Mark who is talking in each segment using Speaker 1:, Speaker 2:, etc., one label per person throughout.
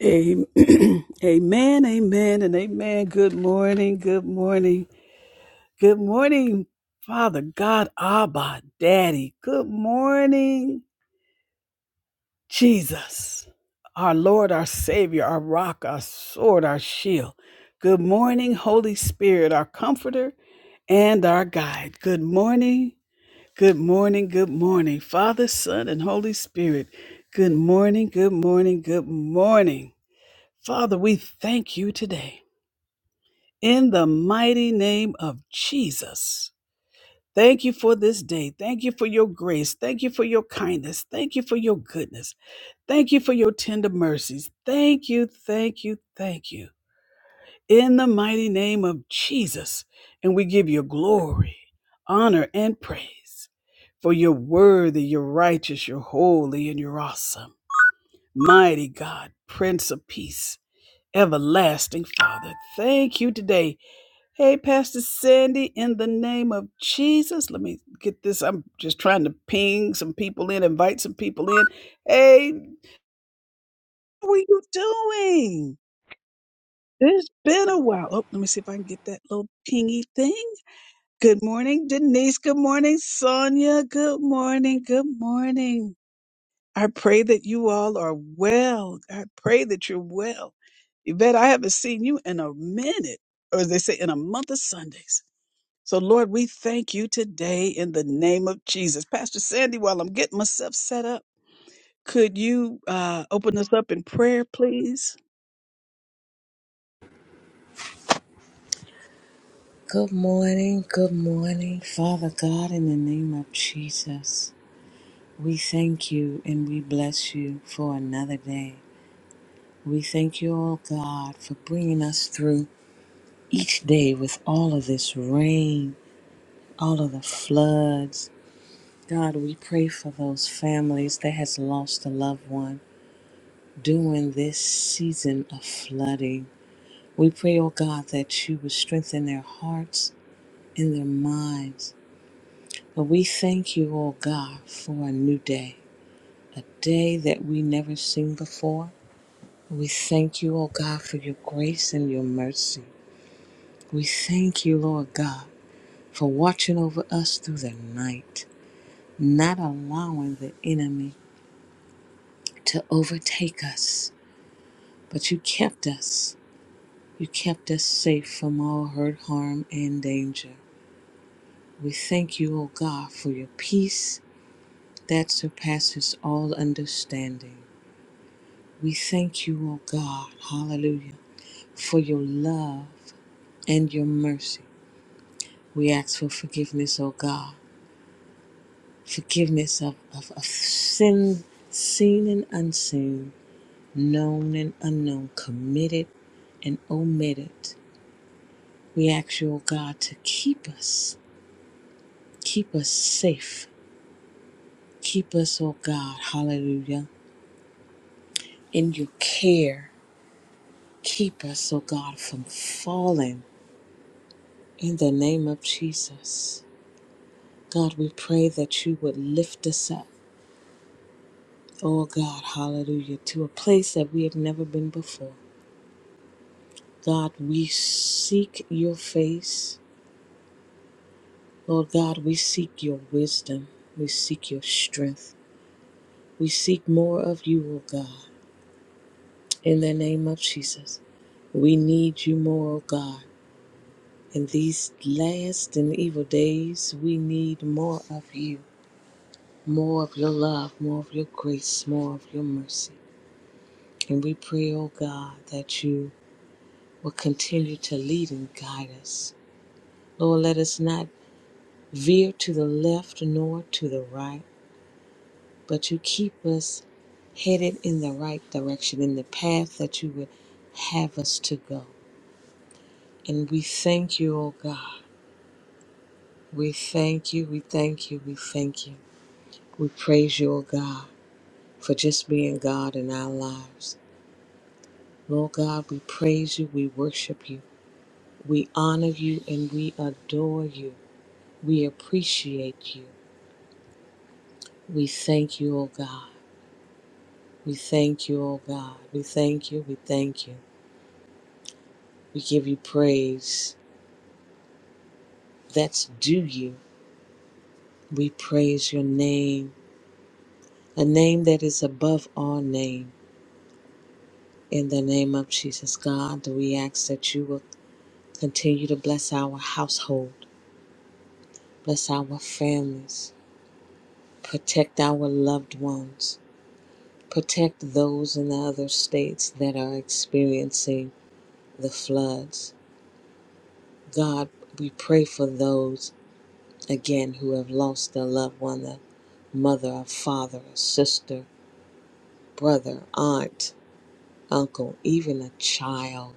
Speaker 1: Am- Amen, amen, and amen. Good morning, good morning, good morning, Father God, Abba, Daddy. Good morning, Jesus, our Lord, our Savior, our rock, our sword, our shield. Good morning, Holy Spirit, our comforter and our guide. Good morning, good morning, good morning, Father, Son, and Holy Spirit. Good morning, good morning, good morning. Father, we thank you today. in the mighty name of Jesus. Thank you for this day. Thank you for your grace. Thank you for your kindness. Thank you for your goodness. Thank you for your tender mercies. Thank you, thank you, thank you. In the mighty name of Jesus. And we give you glory, honor, and praise. For you're worthy, you're righteous, you're holy, and you're awesome. Mighty God, Prince of Peace, everlasting Father. Thank you today Hey, Pastor Sandy, in the name of Jesus, let me get this. I'm just trying to ping some people in, invite some people in. Hey, how are you doing? It's been a while. Oh, let me see if I can get that little pingy thing. Good morning, Denise. Good morning, Sonia. Good morning. Good morning. I pray that you all are well. I pray that you're well. Yvette, I haven't seen you in a minute, or as they say, in a month of Sundays. So, Lord, we thank you today in the name of Jesus. Pastor Sandy, while I'm getting myself set up, could you uh, open us up in prayer, please?
Speaker 2: Good morning, good morning, Father God, in the name of Jesus. We thank you and we bless you for another day. We thank you, oh God, for bringing us through each day with all of this rain, all of the floods. God, we pray for those families that has lost a loved one during this season of flooding. We pray, oh God, that you would strengthen their hearts and their minds But we thank you, O God, for a new day, a day that we never seen before. We thank you, O God, for your grace and your mercy. We thank you, Lord God, for watching over us through the night, not allowing the enemy to overtake us. But you kept us. You kept us safe from all hurt, harm, and danger. We thank you, O God, for your peace that surpasses all understanding. We thank you, O God, hallelujah, for your love and your mercy. We ask for forgiveness, O God, forgiveness of, of, of sin, seen and unseen, known and unknown, committed and omitted. We ask you, O God, to keep us, keep us safe, keep us, O God, hallelujah, in your care. Keep us, O God, from falling in the name of Jesus. God, we pray that you would lift us up. Oh God, hallelujah, to a place that we have never been before. God, we seek your face. Lord God, we seek your wisdom. We seek your strength. We seek more of you, oh God, in the name of Jesus. We need you more, oh God. In these last and evil days, we need more of you, more of your love, more of your grace, more of your mercy. And we pray, oh God, that you will continue to lead and guide us. Lord, let us not veer to the left nor to the right, but you keep us headed in the right direction, in the path that you would have us to go. And we thank you, O God. We thank you, we thank you, we thank you. We praise you, O God, for just being God in our lives. Lord God, we praise you, we worship you, we honor you, and we adore you. We appreciate you. We thank you, O God. We thank you, O God. We thank you. We thank you. We give you praise that's due you. We praise your name, a name that is above all name. In the name of Jesus, God, we ask that you will continue to bless our household, bless our families, protect our loved ones, protect those in the other states that are experiencing the floods. God, we pray for those. again who have lost a loved one, a mother, a father, a sister, brother, aunt, uncle, even a child.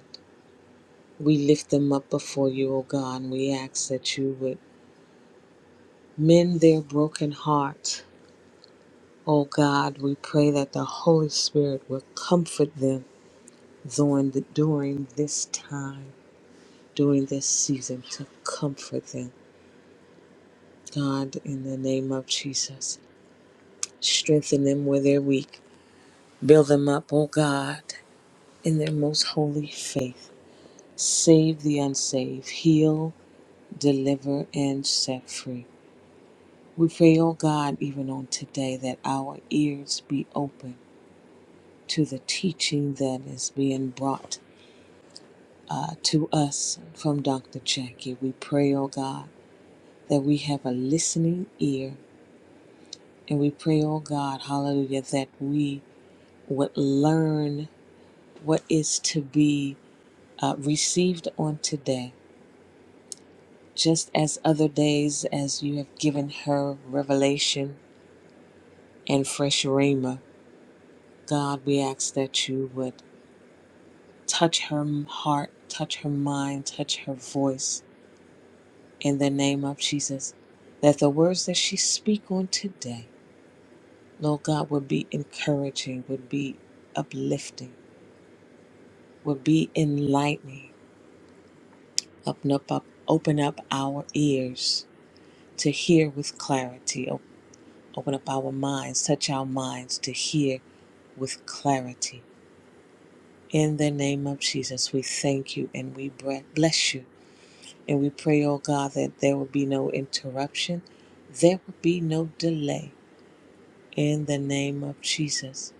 Speaker 2: We lift them up before you, O God, and we ask that you would mend their broken heart. O God, we pray that the Holy Spirit will comfort them during, the, during this time, during this season, to comfort them. God, in the name of Jesus, strengthen them where they're weak. Build them up, O God, in their most holy faith. Save the unsaved, heal, deliver, and set free. We pray, O God, even on today, that our ears be open to the teaching that is being brought uh, to us from Dr. Jackie. We pray, O God, that we have a listening ear, and we pray, O God, hallelujah, that we would learn what is to be uh, received on today just as other days as you have given her revelation and fresh rhema. God, we ask that you would touch her heart, touch her mind, touch her voice in the name of Jesus. That the words that she speak on today, Lord God, would be encouraging, would be uplifting, would be enlightening. Open up, up open up our ears to hear with clarity. O- Open up our minds, touch our minds to hear with clarity. In the name of Jesus, we thank you and we bless you. And we pray, oh God, that there will be no interruption, there will be no delay. In the name of Jesus,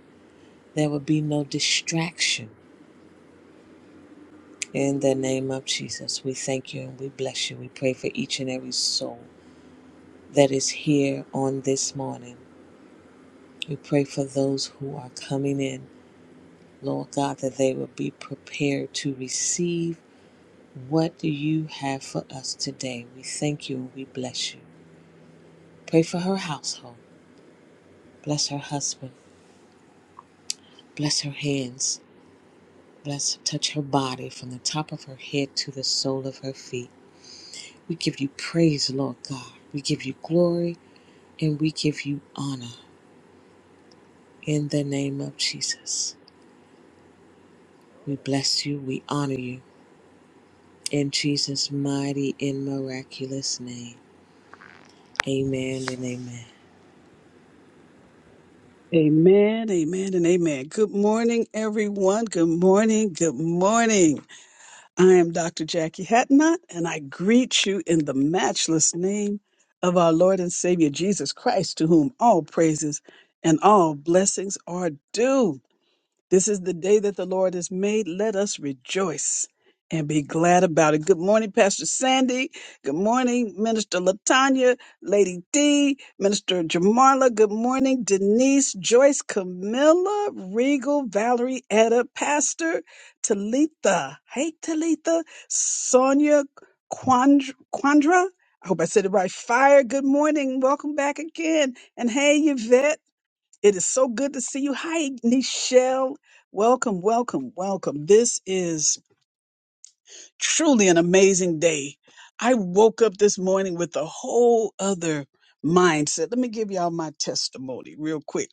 Speaker 2: there will be no distraction. In the name of Jesus, we thank you and we bless you. We pray for each and every soul that is here on this morning. We pray for those who are coming in, Lord God, that they will be prepared to receive What do you have for us today? We thank you and we bless you. Pray for her household. Bless her husband. Bless her hands. Bless, touch her body from the top of her head to the sole of her feet. We give you praise, Lord God. We give you glory and we give you honor in the name of Jesus. We bless you. We honor you in Jesus' mighty and miraculous name. Amen and amen.
Speaker 1: Amen, amen, and amen. Good morning, everyone. Good morning, good morning. I am Dr. Jackie Hatnott, and I greet you in the matchless name of our Lord and Savior Jesus Christ, to whom all praises and all blessings are due. This is the day that the Lord has made. Let us rejoice and be glad about it. Good morning, Pastor Sandy. Good morning, Minister Latanya, Lady D, Minister Jamarla. Good morning, Denise, Joyce, Camilla, Regal, Valerie, Etta, Pastor Talitha. Hey, Talitha, Sonia, Quandra. Quandra. I hope I said it right. Fire, good morning. Welcome back again. And hey, Yvette. It is so good to see you. Hi, Nichelle. Welcome, welcome, welcome. This is truly an amazing day. I woke up this morning with a whole other mindset. Let me give y'all my testimony real quick.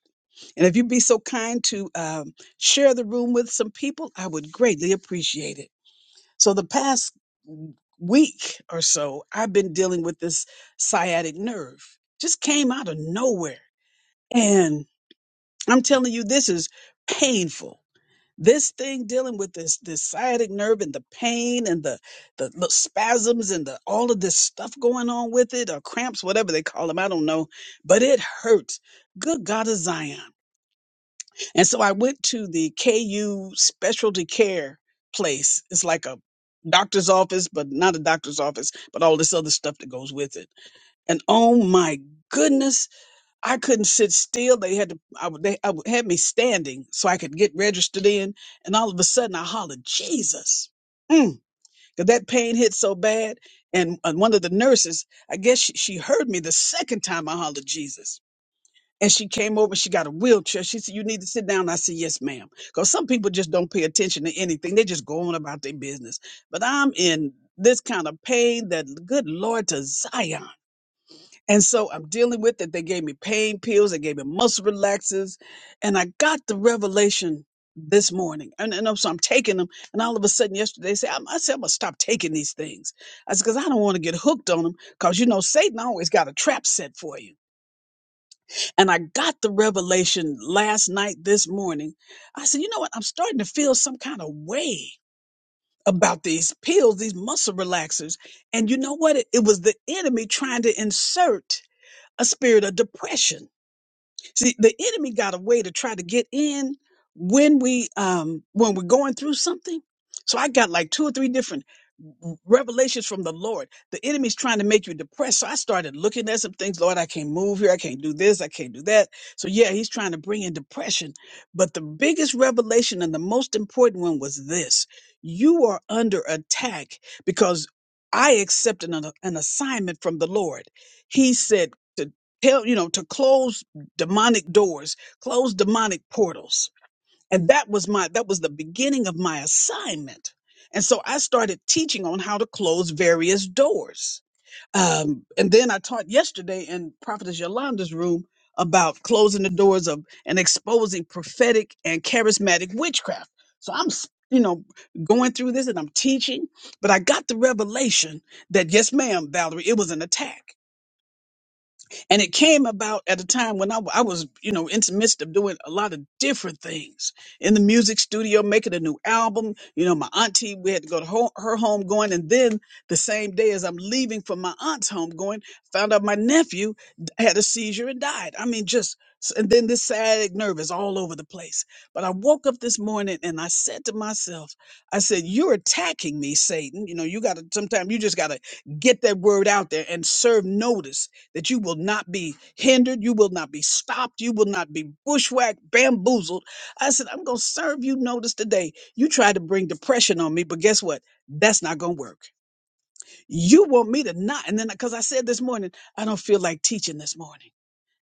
Speaker 1: And if you'd be so kind to um, share the room with some people, I would greatly appreciate it. So, the past week or so, I've been dealing with this sciatic nerve, just came out of nowhere. and. I'm telling you, this is painful. This thing dealing with this this sciatic nerve and the pain and the, the the spasms and the all of this stuff going on with it or cramps, whatever they call them, I don't know, but it hurts. Good God of Zion! And so I went to the KU specialty care place. It's like a doctor's office, but not a doctor's office, but all this other stuff that goes with it. And oh my goodness, I couldn't sit still. They had to, I, would- they I, would- had me standing so I could get registered in. And all of a sudden I hollered, Jesus. Mm. 'Cause that pain hit so bad. And, and one of the nurses, I guess she, she heard me the second time I hollered, Jesus. And she came over, she got a wheelchair. She said, You need to sit down. I said, Yes, ma'am. Because some people just don't pay attention to anything. They just go on about their business. But I'm in this kind of pain that, good Lord, to Zion. And so I'm dealing with it. They gave me pain pills, they gave me muscle relaxers, and I got the revelation this morning. And, and I'm- so I'm taking them, and all of a sudden yesterday, they say, I'm, I said, I'm gonna stop taking these things. I said, because I don't want to get hooked on them, because you know, Satan always got a trap set for you. And I got the revelation last night, this morning. I said, you know what? I'm starting to feel some kind of way about these pills, these muscle relaxers. And you know what? It, it was the enemy trying to insert a spirit of depression See, the enemy got a way to try to get in when we um when we're going through something. So I got like two or three different revelations from the Lord. The enemy's trying to make you depressed. So I started looking at some things. Lord, I can't move here. I can't do this. I can't do that. So yeah, he's trying to bring in depression. But the biggest revelation and the most important one was this. You are under attack because I accepted an, an assignment from the Lord. He said to tell, you know, to close demonic doors, close demonic portals. And that was my that was the beginning of my assignment. And so I started teaching on how to close various doors. Um, and then I taught yesterday in Prophetess Yolanda's room about closing the doors of and exposing prophetic and charismatic witchcraft. So I'm, s- you know, going through this and I'm teaching, but I got the revelation that yes, ma'am, Valerie, it was an attack and it came about at a time when I, w- I was, you know, in the midst of doing a lot of different things in the music studio, making a new album. You know, my auntie, we had to go to ho- her home going. And then the same day as I'm leaving from my aunt's home going, found out my nephew d- had a seizure and died. I mean, just, s- and then this sciatic nerve is all over the place. But I woke up this morning and I said to myself, I said, You're attacking me, Satan. You know, you got to, sometimes you just got to get that word out there and serve notice that you will not be hindered, you will not be stopped, you will not be bushwhacked, bamboozled. I said, I'm going to serve you notice today. You tried to bring depression on me, but guess what? That's not going to work. You want me to not. And then, because I said this morning, I don't feel like teaching this morning.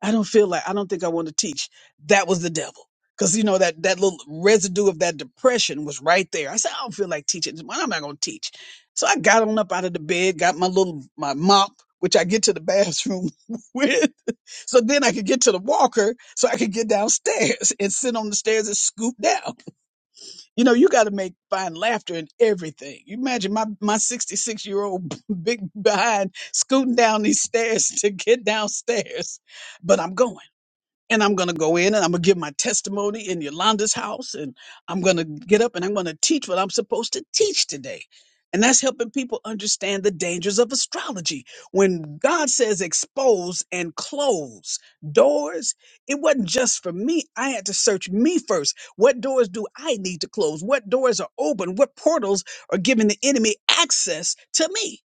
Speaker 1: I don't feel like I don't think I want to teach. That was the devil. Cause you know that that little residue of that depression was right there. I said, I don't feel like teaching. Well, I'm not gonna teach. So I got on up out of the bed, got my little my mop, which I get to the bathroom with. So then I could get to the walker so I could get downstairs and sit on the stairs and scoop down. You know, you gotta make find laughter in everything. You imagine my my 66 year old big behind scooting down these stairs to get downstairs. But I'm going and I'm going to go in and I'm going to give my testimony in Yolanda's house. And I'm going to get up and I'm going to teach what I'm supposed to teach today. And that's helping people understand the dangers of astrology. When God says expose and close doors, it wasn't just for me. I had to search me first. What doors do I need to close? What doors are open? What portals are giving the enemy access to me?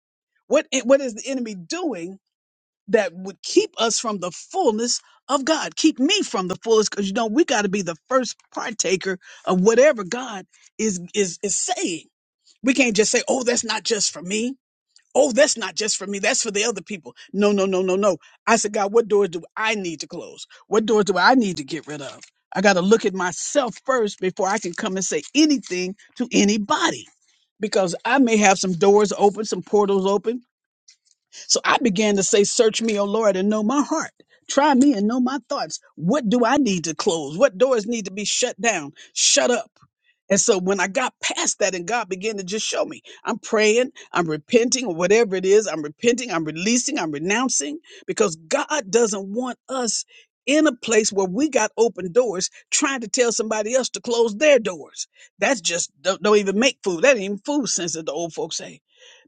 Speaker 1: What, eh, what is the enemy doing? that would keep us from the fullness of God. Keep me from the fullness because you know we got to be the first partaker of whatever God is is is saying. We can't just say, "Oh, that's not just for me." Oh, that's not just for me. That's for the other people. No, no, no, no, no. I said, God, what doors do I need to close? What doors do I need to get rid of? I got to look at myself first before I can come and say anything to anybody because I may have some doors open, some portals open so I began to say, Search me, O Lord, and know my heart. Try me and know my thoughts. What do I need to close? What doors need to be shut down? Shut up. And so when I got past that and God began to just show me, I'm praying, I'm repenting, or whatever it is, I'm repenting, I'm releasing, I'm renouncing, because God doesn't want us in a place where we got open doors trying to tell somebody else to close their doors. That's just don't, don't even make food. That ain't even food sense that the old folks say.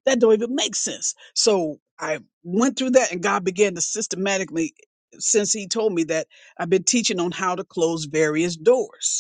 Speaker 1: That don't even make sense. So I went through that and God began to systematically, since he told me that, I've been teaching on how to close various doors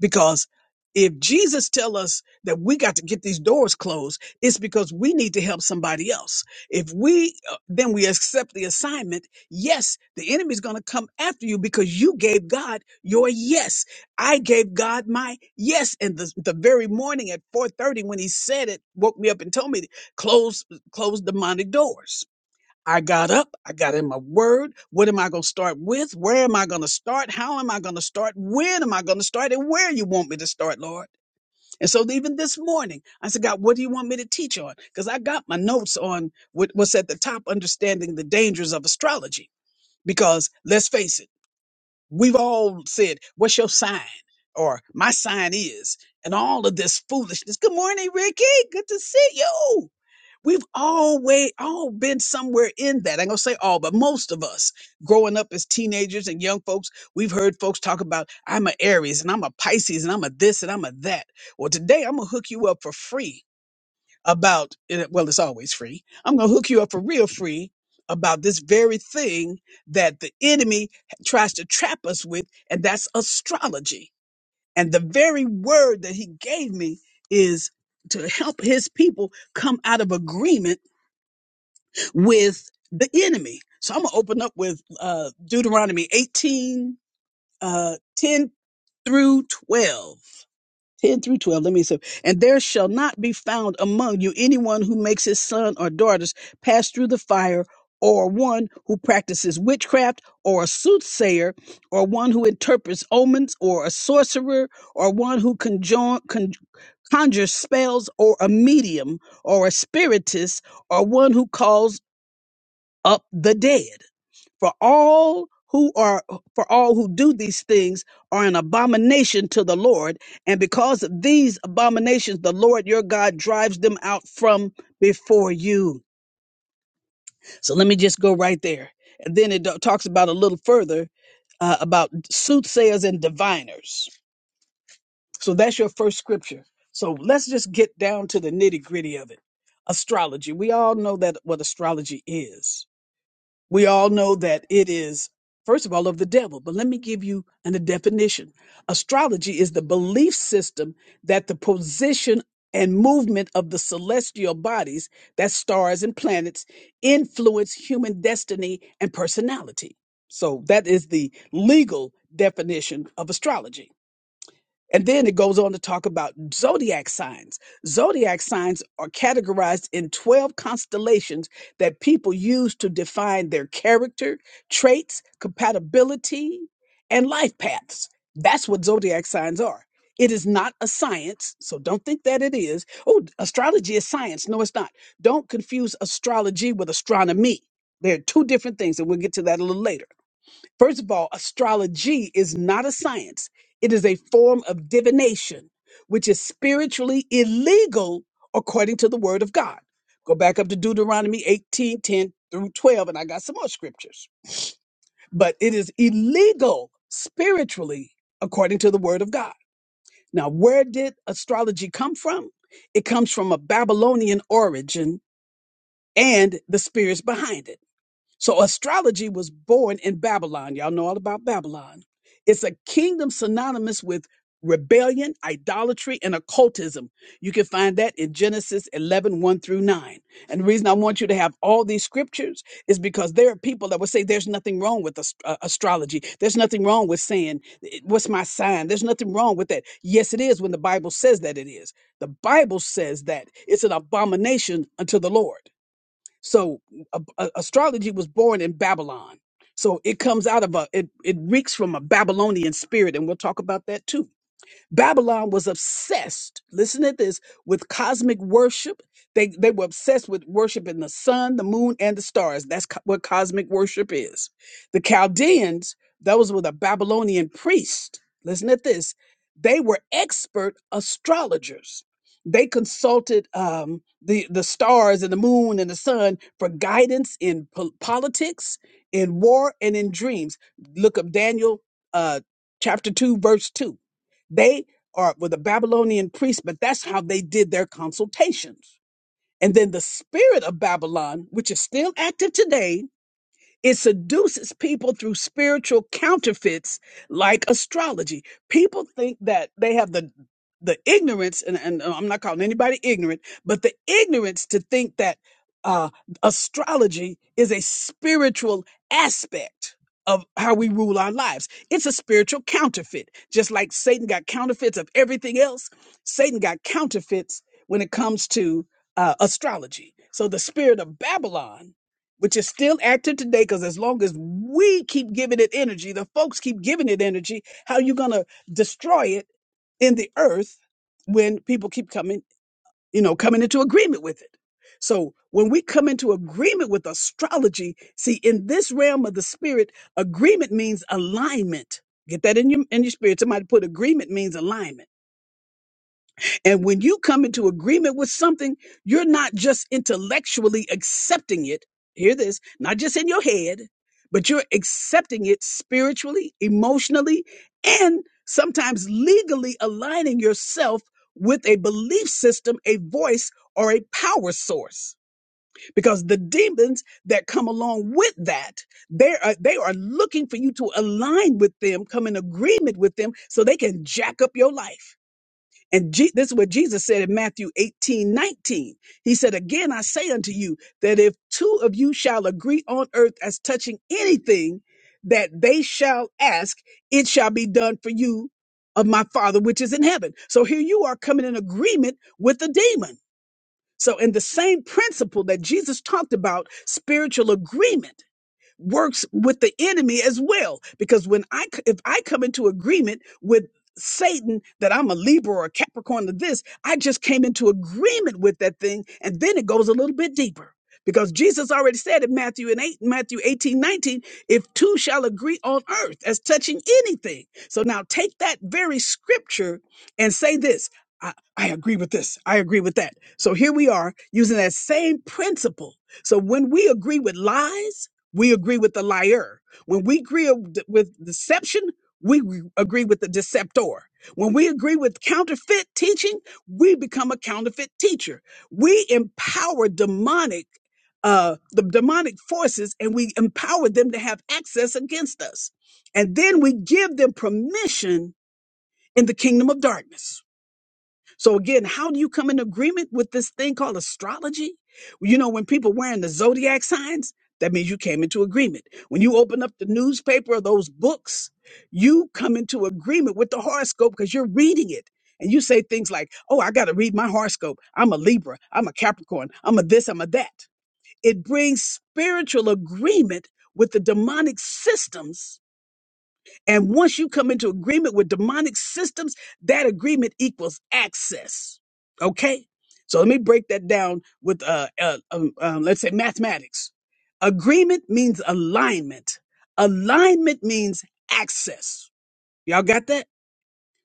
Speaker 1: because if jesus tell us that we got to get these doors closed it's because we need to help somebody else if we uh, then we accept the assignment yes the enemy's going to come after you because you gave god your yes i gave god my yes and the, the very morning at 4.30 when he said it woke me up and told me to close close demonic doors I got up. I got in my word. What am I going to start with? Where am I going to start? How am I going to start? When am I going to start? And where you want me to start, Lord? And so even this morning, I said, God, what do you want me to teach on? Because I got my notes on what what's at the top, understanding the dangers of astrology. Because let's face it, we've all said, what's your sign? Or my sign is, and all of this foolishness. Good morning, Ricky. Good to see you. We've always all been somewhere in that. I'm gonna say all, but most of us growing up as teenagers and young folks, we've heard folks talk about I'm a Aries and I'm a Pisces and I'm a this and I'm a that. Well, today I'm gonna hook you up for free about eh, well, it's always free. I'm gonna hook you up for real free about this very thing that the enemy tries to trap us with, and that's astrology. And the very word that he gave me is to help his people come out of agreement with the enemy. So I'm going to open up with uh, Deuteronomy 18, uh, 10 through 12. 10 through 12, let me see. And there shall not be found among you anyone who makes his son or daughters pass through the fire, or one who practices witchcraft, or a soothsayer, or one who interprets omens, or a sorcerer, or one who conjure, con- conjures spells, or a medium, or a spiritist, or one who calls up the dead. For all who are for all who do these things are an abomination to the Lord, and because of these abominations, the Lord your God drives them out from before you. So let me just go right there, and then it do- talks about a little further uh, about soothsayers and diviners. So that's your first scripture. So let's just get down to the nitty gritty of it. Astrology. We all know that what astrology is we all know that it is first of all of the devil but let me give you an, a definition astrology is the belief system that the position and movement of the celestial bodies that stars and planets influence human destiny and personality so that is the legal definition of astrology and then it goes on to talk about zodiac signs. Zodiac signs are categorized in 12 constellations that people use to define their character, traits, compatibility, and life paths. That's what zodiac signs are. It is not a science, so don't think that it is. Oh, astrology is science. No, it's not. Don't confuse astrology with astronomy. They're two different things, and we'll get to that a little later. First of all, astrology is not a science, it is a form of divination, which is spiritually illegal according to the word of God. Go back up to Deuteronomy 18 10 through 12, and I got some more scriptures. But it is illegal spiritually according to the word of God. Now, where did astrology come from? It comes from a Babylonian origin and the spirits behind it. So astrology was born in Babylon. Y'all know all about Babylon. It's a kingdom synonymous with rebellion, idolatry, and occultism. You can find that in Genesis eleven one through 9. And the reason I want you to have all these scriptures is because there are people that will say there's nothing wrong with ast- uh, astrology. There's nothing wrong with saying, "Eh, what's my sign? There's nothing wrong with that. Yes, it is when the Bible says that it is. The Bible says that it's an abomination unto the Lord. So uh, uh, astrology was born in Babylon. So it comes out of a it it reeks from a Babylonian spirit, and we'll talk about that too. Babylon was obsessed, listen to this, with cosmic worship. They, they were obsessed with worshiping the sun, the moon, and the stars. That's co- what cosmic worship is. The Chaldeans, those were the Babylonian priests. Listen to this. They were expert astrologers. They consulted um, the, the stars and the moon and the sun for guidance in po- politics, in war, and in dreams. Look up Daniel uh, chapter 2, verse 2. They are were the Babylonian priests, but that's how they did their consultations. And then the spirit of Babylon, which is still active today, it seduces people through spiritual counterfeits like astrology. People think that they have the the ignorance, and, and uh, I'm not calling anybody ignorant, but the ignorance to think that uh, astrology is a spiritual aspect of how we rule our lives. It's a spiritual counterfeit. Just like Satan got counterfeits of everything else, Satan got counterfeits when it comes to uh, astrology. So the spirit of Babylon which is still active today because as long as we keep giving it energy, the folks keep giving it energy, how you going to destroy it in the earth when people keep coming, you know, coming into agreement with it? So when we come into agreement with astrology, see, in this realm of the spirit, agreement means alignment. Get that in your in your spirit. Somebody put agreement means alignment. And when you come into agreement with something, you're not just intellectually accepting it. Hear this, not just in your head, but you're accepting it spiritually, emotionally, and sometimes legally aligning yourself with a belief system, a voice, or a power source. Because the demons that come along with that, they are, they are looking for you to align with them, come in agreement with them so they can jack up your life. And Je- this is what Jesus said in Matthew 18 19. He said, Again, I say unto you that if two of you shall agree on earth as touching anything that they shall ask, it shall be done for you of my Father which is in heaven. So here you are coming in agreement with the demon. So, in the same principle that Jesus talked about, spiritual agreement works with the enemy as well. Because when I, c- if I come into agreement with Satan that I'm a Libra or a Capricorn to this, I just came into agreement with that thing. And then it goes a little bit deeper because Jesus already said in Matthew and eight, Matthew 18 19 if two shall agree on earth as touching anything. So now take that very scripture and say this. I, I agree with this. I agree with that. So here we are using that same principle. So when we agree with lies, we agree with the liar. When we agree with deception, we agree with the deceptor. When we agree with counterfeit teaching, we become a counterfeit teacher. We empower demonic, uh, the demonic forces, and we empower them to have access against us. And then we give them permission in the kingdom of darkness. So again, how do you come in agreement with this thing called astrology? Well, You know, when people wearing the zodiac signs, that means you came into agreement. When you open up the newspaper or those books, you come into agreement with the horoscope because you're reading it. And you say things like, oh, I got to read my horoscope. I'm a Libra. I'm a Capricorn. I'm a this, I'm a that. It brings spiritual agreement with the demonic systems and once you come into agreement with demonic systems, that agreement equals access. Okay? So let me break that down with, uh, uh, um, um, let's say, mathematics. Agreement means alignment, alignment means access. Y'all got that?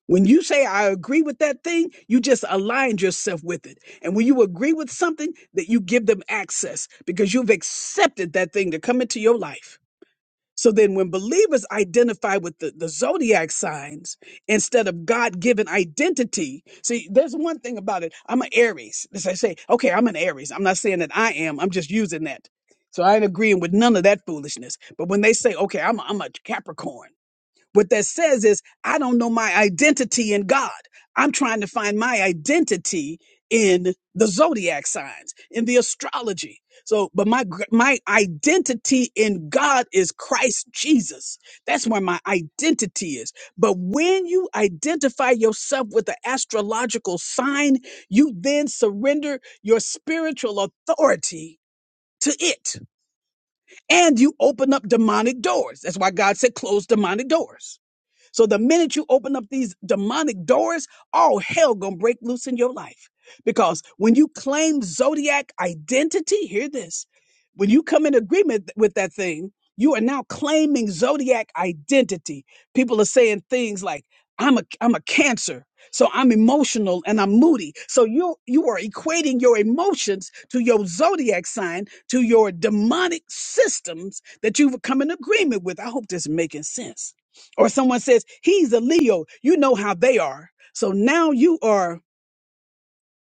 Speaker 1: When you say, I agree with that thing, you just aligned yourself with it. And when you agree with something, that you give them access because you've accepted that thing to come into your life. So then, when believers identify with the, the zodiac signs instead of God given identity, see, there's one thing about it. I'm an Aries. As I say, okay, I'm an Aries. I'm not saying that I am, I'm just using that. So I ain't agreeing with none of that foolishness. But when they say, okay, I'm a, I'm a Capricorn, what that says is, I don't know my identity in God. I'm trying to find my identity in the zodiac signs, in the astrology. So, but my gr- my identity in God is Christ Jesus. That's where my identity is. But when you identify yourself with the astrological sign, you then surrender your spiritual authority to it, and you open up demonic doors. That's why God said close demonic doors so the minute you open up these demonic doors, all hell gonna break loose in your life. Because when you claim zodiac identity, hear this. When you come in agreement with that thing, you are now claiming zodiac identity. People are saying things like, I'm a I'm a cancer. So I'm emotional and I'm moody. So you you are equating your emotions to your zodiac sign, to your demonic systems that you've come in agreement with. I hope this is making sense or someone says he's a Leo, you know how they are. So now you are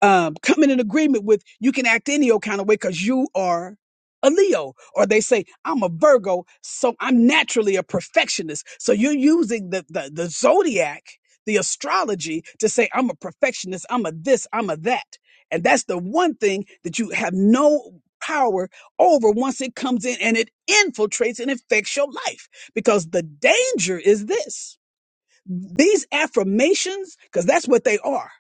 Speaker 1: um, coming in agreement with you can act any old kind of way because you are a Leo. Or they say I'm a Virgo, so I'm naturally a perfectionist. So you're using the the, the zodiac, the astrology, to say I'm a perfectionist, I'm a this, I'm a that, and that's the one thing that you have no power over once it comes in and it infiltrates and affects your life because the danger is this these affirmations, because that's what they are.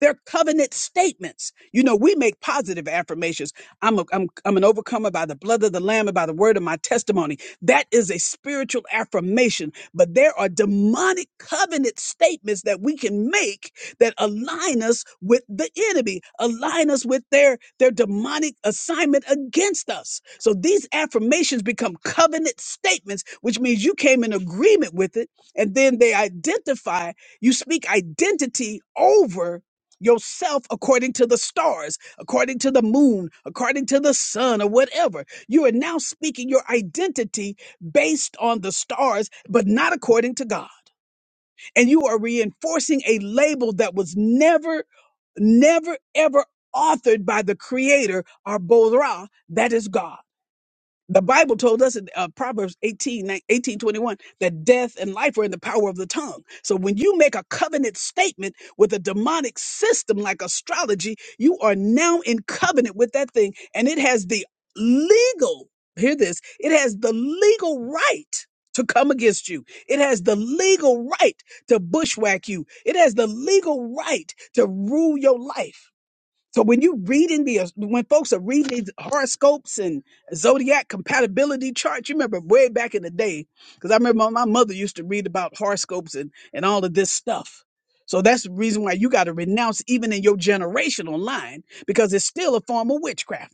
Speaker 1: They're covenant statements. You know, we make positive affirmations. I'm, a, I'm, I'm an overcomer by the blood of the Lamb and by the word of my testimony. That is a spiritual affirmation. But there are demonic covenant statements that we can make that align us with the enemy, align us with their, their demonic assignment against us. So these affirmations become covenant statements, which means you came in agreement with it and then they identify, you speak identity over yourself according to the stars, according to the moon, according to the sun, or whatever. You are now speaking your identity based on the stars, but not according to God. And you are reinforcing a label that was never, never, ever authored by the creator or Bozrah, that is God. The Bible told us in uh, Proverbs 18 18 21 that death and life are in the power of the tongue. So when you make a covenant statement with a demonic system like astrology, you are now in covenant with that thing. And it has the legal, hear this, it has the legal right to come against you. It has the legal right to bushwhack you. It has the legal right to rule your life. So when you reading the uh, when folks are reading these horoscopes and zodiac compatibility charts, you remember way back in the day, because I remember my mother used to read about horoscopes and and all of this stuff. So that's the reason why you got to renounce even in your generation online because it's still a form of witchcraft.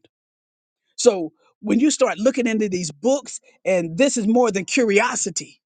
Speaker 1: So when you start looking into these books, and this is more than curiosity.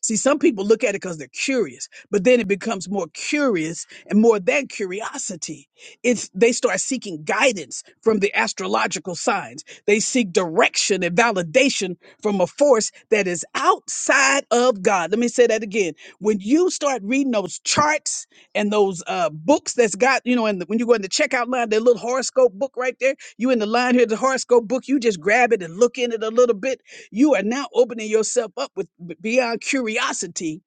Speaker 1: See, some people look at it because they're curious, but then it becomes more curious and more than curiosity. It's they start seeking guidance from the astrological signs. They seek direction and validation from a force that is outside of God. Let me say that again. When you start reading those charts and those uh, books that's got, you know, and when you go in the checkout line, that little horoscope book right there you in the line here, the horoscope book, you just grab it and look in it a little bit. You are now opening yourself up with b- beyond curiosity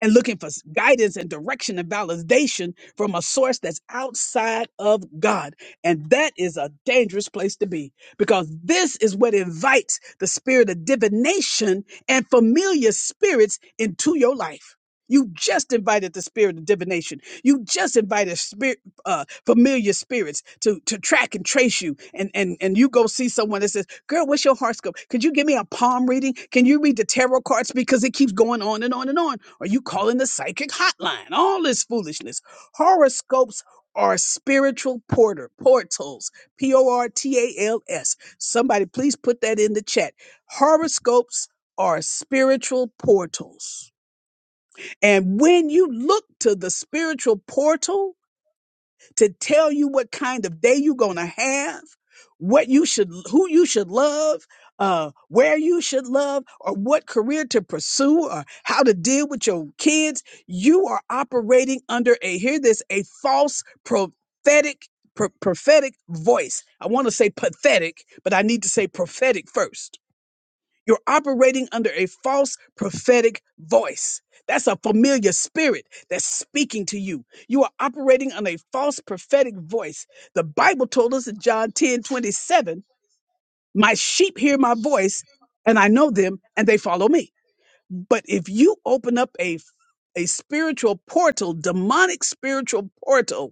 Speaker 1: and looking for s- guidance and direction and validation from a source that's outside of God. And that is a dangerous place to be because this is what invites the spirit of divination and familiar spirits into your life. You just invited the spirit of divination. You just invited spirit, uh, familiar spirits to, to track and trace you. And, and, and you go see someone that says, girl, what's your horoscope? Could you give me a palm reading? Can you read the tarot cards? Because it keeps going on and on and on are you calling the psychic hotline? All this foolishness. Horoscopes are spiritual porter portals. P O R T A L S. Somebody please put that in the chat. Horoscopes are spiritual portals. And when you look to the spiritual portal, to tell you what kind of day you're going to have, what you should, who you should love, uh, where you should love, or what career to pursue, or how to deal with your kids. You are operating under a, hear this, a false prophetic. pro- Prophetic voice. I want to say pathetic, but I need to say prophetic first you're operating under a false prophetic voice. That's a familiar spirit that's speaking to you. You are operating on a false prophetic voice. The Bible told us in John 10 27, My sheep hear my voice, and I know them, and they follow me. But if you open up a a spiritual portal, demonic spiritual portal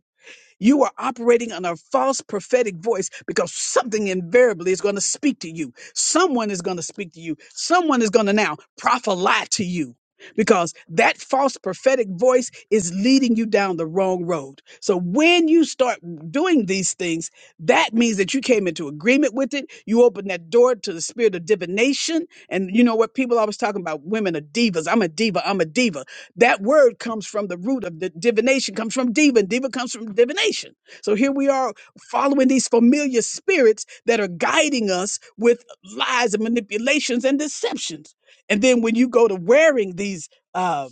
Speaker 1: you are operating on a false prophetic voice because something invariably is going to speak to you. Someone is going to speak to you. Someone is going to now prophesy to you because that false prophetic voice is leading you down the wrong road. So when you start doing these things, that means that you came into agreement with it. You open that door to the spirit of divination. And you know what? People always talking about women are divas. I'm a diva. I'm a diva that word comes from the root of the divination, comes from diva. Diva comes from divination. So here we are following these familiar spirits that are guiding us with lies and manipulations and deceptions. And then when you go to wearing these uh,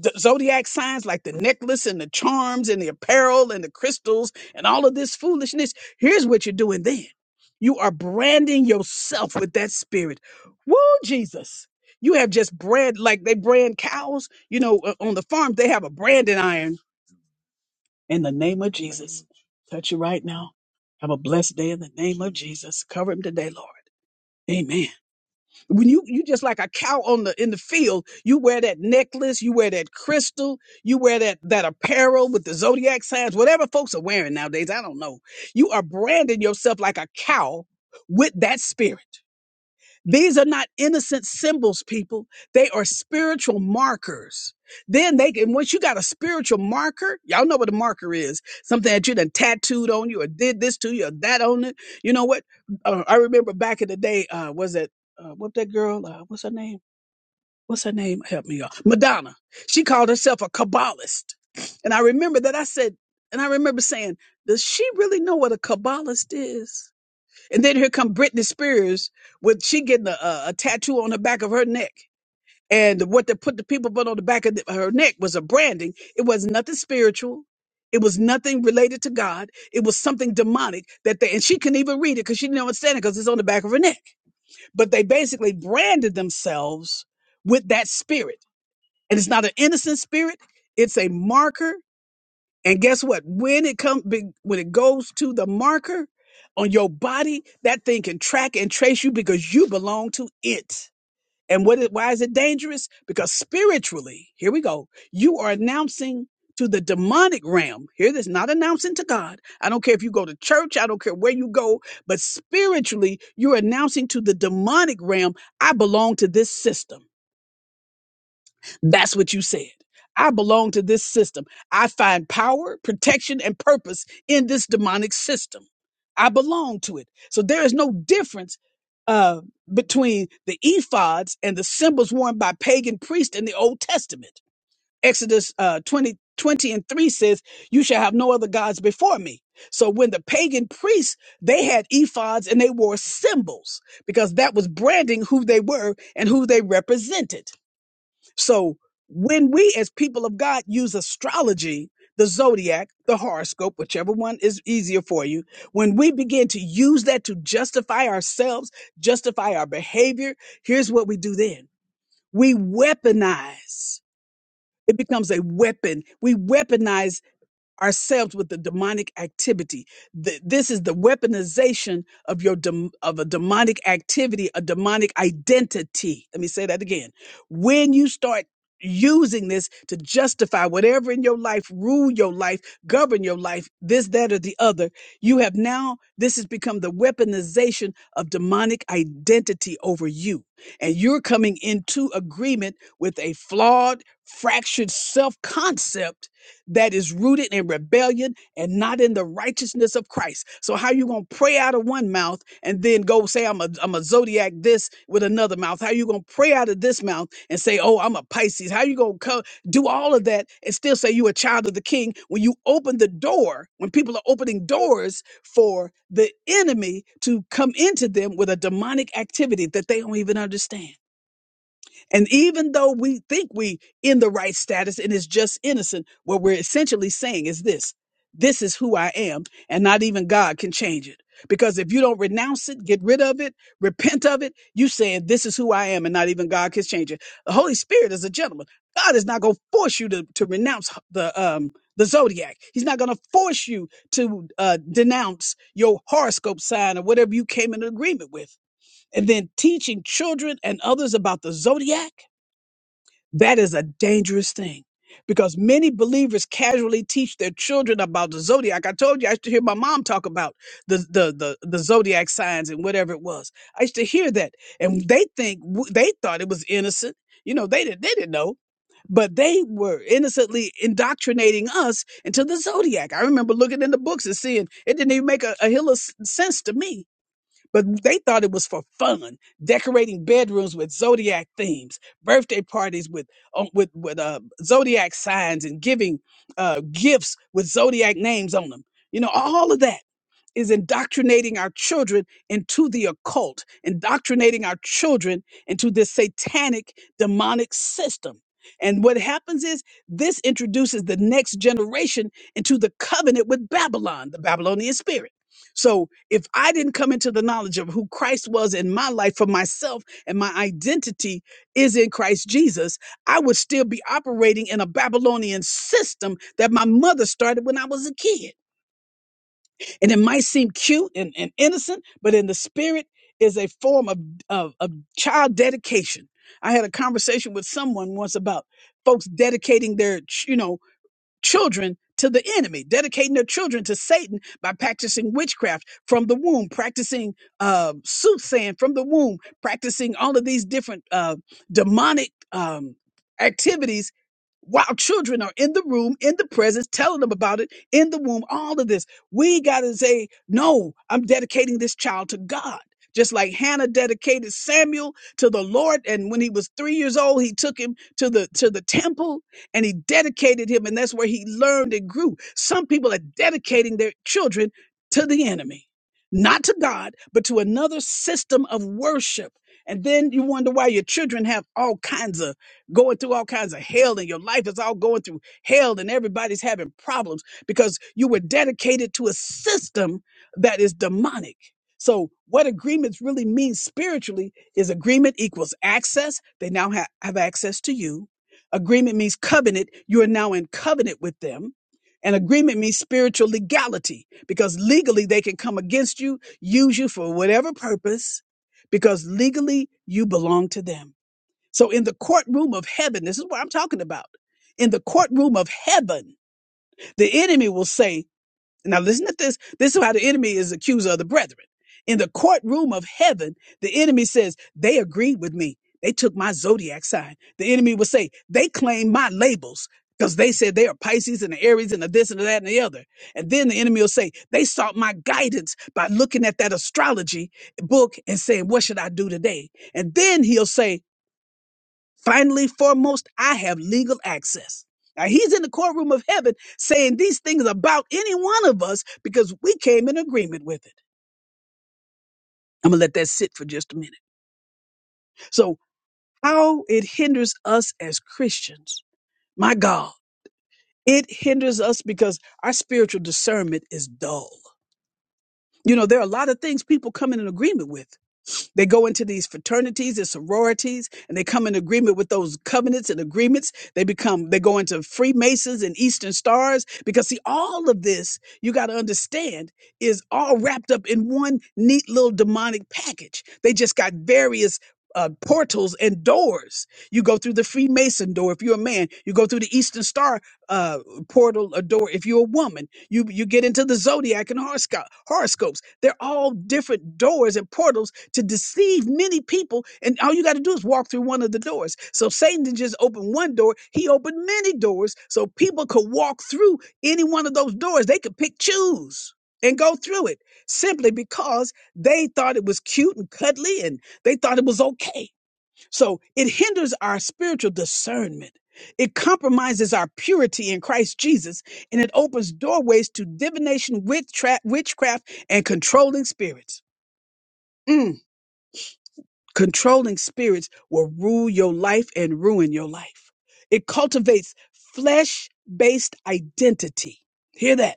Speaker 1: d- zodiac signs like the necklace and the charms and the apparel and the crystals and all of this foolishness, here's what you're doing then. You are branding yourself with that spirit. Woo, Jesus. You have just brand like they brand cows. You know, uh, on the farm, they have a branding iron. In the name of Jesus, touch you right now. Have a blessed day in the name of Jesus. Cover him today, Lord. Amen. When you you just like a cow on the in the field, you wear that necklace, you wear that crystal, you wear that that apparel with the zodiac signs, whatever folks are wearing nowadays. I don't know. You are branding yourself like a cow with that spirit. These are not innocent symbols, people. They are spiritual markers. Then they can, once you got a spiritual marker, y'all know what a marker is something that you done tattooed on you or did this to you or that on it. You know what? Uh, I remember back in the day, uh, was it, uh, what that girl, uh, what's her name? What's her name? Help me, y'all. Madonna. She called herself a Kabbalist. And I remember that I said, and I remember saying, does she really know what a Kabbalist is? And then here come Britney Spears with she getting a, a, a tattoo on the back of her neck. And what they put the people put on the back of the, her neck was a branding. It was nothing spiritual. It was nothing related to God. It was something demonic that they, and she couldn't even read it because she didn't understand it because it's on the back of her neck. But they basically branded themselves with that spirit. And it's not an innocent spirit. It's a marker and guess what? When it comes, when it goes to the marker on your body, that thing can track and trace you because you belong to it. And what? Is, why is it dangerous? Because spiritually, here we go. You are announcing to the demonic realm. Here, this not announcing to God. I don't care if you go to church. I don't care where you go. But spiritually, you're announcing to the demonic realm. I belong to this system. That's what you said. I belong to this system. I find power, protection, and purpose in this demonic system. I belong to it. So there is no difference uh, between the ephods and the symbols worn by pagan priests in the Old Testament. Exodus uh, 20, twenty and 3 says, You shall have no other gods before me. So when the pagan priests, they had ephods and they wore symbols because that was branding who they were and who they represented. So when we as people of God use astrology, the zodiac, the horoscope, whichever one is easier for you, when we begin to use that to justify ourselves, justify our behavior, here's what we do then. We weaponize. It becomes a weapon. We weaponize ourselves with the demonic activity. Th- this is the weaponization of your dem- of a demonic activity, a demonic identity. Let me say that again. When you start using this to justify whatever in your life, rule your life, govern your life, this, that, or the other, you have now, this has become the weaponization of demonic identity over you. And you're coming into agreement with a flawed, fractured self concept that is rooted in rebellion and not in the righteousness of Christ. So how you gonna pray out of one mouth and then go say I'm a I'm a zodiac this with another mouth? How you gonna pray out of this mouth and say oh I'm a Pisces? How you gonna co- do all of that and still say you a child of the King when you open the door when people are opening doors for the enemy to come into them with a demonic activity that they don't even understand? And even though we think we in the right status and it's just innocent, what we're essentially saying is this. This is who I am, and not even God can change it. Because if you don't renounce it, get rid of it, repent of it, you saying this is who I am, and not even God can change it. The Holy Spirit is a gentleman. God is not going to force you to, to renounce the um the zodiac. He's not going to force you to uh, denounce your horoscope sign or whatever you came in agreement with. And then teaching children and others about the zodiac that is a dangerous thing because many believers casually teach their children about the zodiac. I told you I used to hear my mom talk about the the the, the zodiac signs and whatever it was. I used to hear that, and they think w- they thought it was innocent. You know, they didn't they didn't know, but they were innocently indoctrinating us into the zodiac. I remember looking in the books and seeing it didn't even make a, a hill of s- sense to me but they thought it was for fun, decorating bedrooms with zodiac themes, birthday parties with uh, with with uh, zodiac signs, and giving uh, gifts with zodiac names on them. You know, all of that is indoctrinating our children into the occult, indoctrinating our children into this satanic, demonic system. And what happens is this introduces the next generation into the covenant with Babylon, the Babylonian spirit. So if I didn't come into the knowledge of who Christ was in my life for myself and my identity is in Christ Jesus, I would still be operating in a Babylonian system that my mother started when I was a kid. And it might seem cute and, and innocent, but in the spirit is a form of, of, of child dedication. I had a conversation with someone once about folks dedicating their, ch- you know, children to the enemy, dedicating their children to Satan by practicing witchcraft from the womb, practicing uh, soothsaying from the womb, practicing all of these different uh, demonic um, activities while children are in the room, in the presence, telling them about it, in the womb, all of this. We got to say, no, I'm dedicating this child to God. Just like Hannah dedicated Samuel to the Lord, and when he was three years old, he took him to the to the temple and he dedicated him, and that's where he learned and grew. Some people are dedicating their children to the enemy, not to God, but to another system of worship. And then you wonder why your children have all kinds of going through all kinds of hell, and your life is all going through hell, and everybody's having problems because you were dedicated to a system that is demonic. So, what agreements really mean spiritually is agreement equals access. They now have, have access to you Agreement means covenant. You are now in covenant with them. And agreement means spiritual legality because legally they can come against you, use you for whatever purpose, because legally you belong to them. So in the courtroom of heaven, this is what I'm talking about. In the courtroom of heaven, the enemy will say, now listen to this. This is how the enemy is accuser of the brethren. In the courtroom of heaven, the enemy says, they agreed with me. They took my zodiac sign. The enemy will say, they claim my labels because they said they are Pisces and the Aries and the this and the that and the other. And then the enemy will say, they sought my guidance by looking at that astrology book and saying, what should I do today? And then he'll say, Finally, foremost, I have legal access. Now, he's in the courtroom of heaven saying these things about any one of us because we came in agreement with it. I'm going to let that sit for just a minute. So, how it hinders us as Christians, my God, it hinders us because our spiritual discernment is dull. You know, there are a lot of things people come in an agreement with. They go into these fraternities and sororities and they come in agreement with those covenants and agreements. They become, they go into Freemasons and Eastern Stars because, see, all of this, you got to understand, is all wrapped up in one neat little demonic package. They just got various. Uh, portals and doors. You go through the Freemason door if you're a man. You go through the Eastern Star uh, portal or door if you're a woman you you get into the zodiac and horosco- horoscopes. They're all different doors and portals to deceive many people. And all you got to do is walk through one of the doors. So Satan didn't just open one door; he opened many doors, so people could walk through any one of those doors. They could pick, choose, and go through it simply because they thought it was cute and cuddly, and they thought it was okay. So it hinders our spiritual discernment. It compromises our purity in Christ Jesus, and it opens doorways to divination, witchcraft, witchcraft and controlling spirits. Mm, Controlling spirits will rule your life and ruin your life. It cultivates flesh based identity. Hear that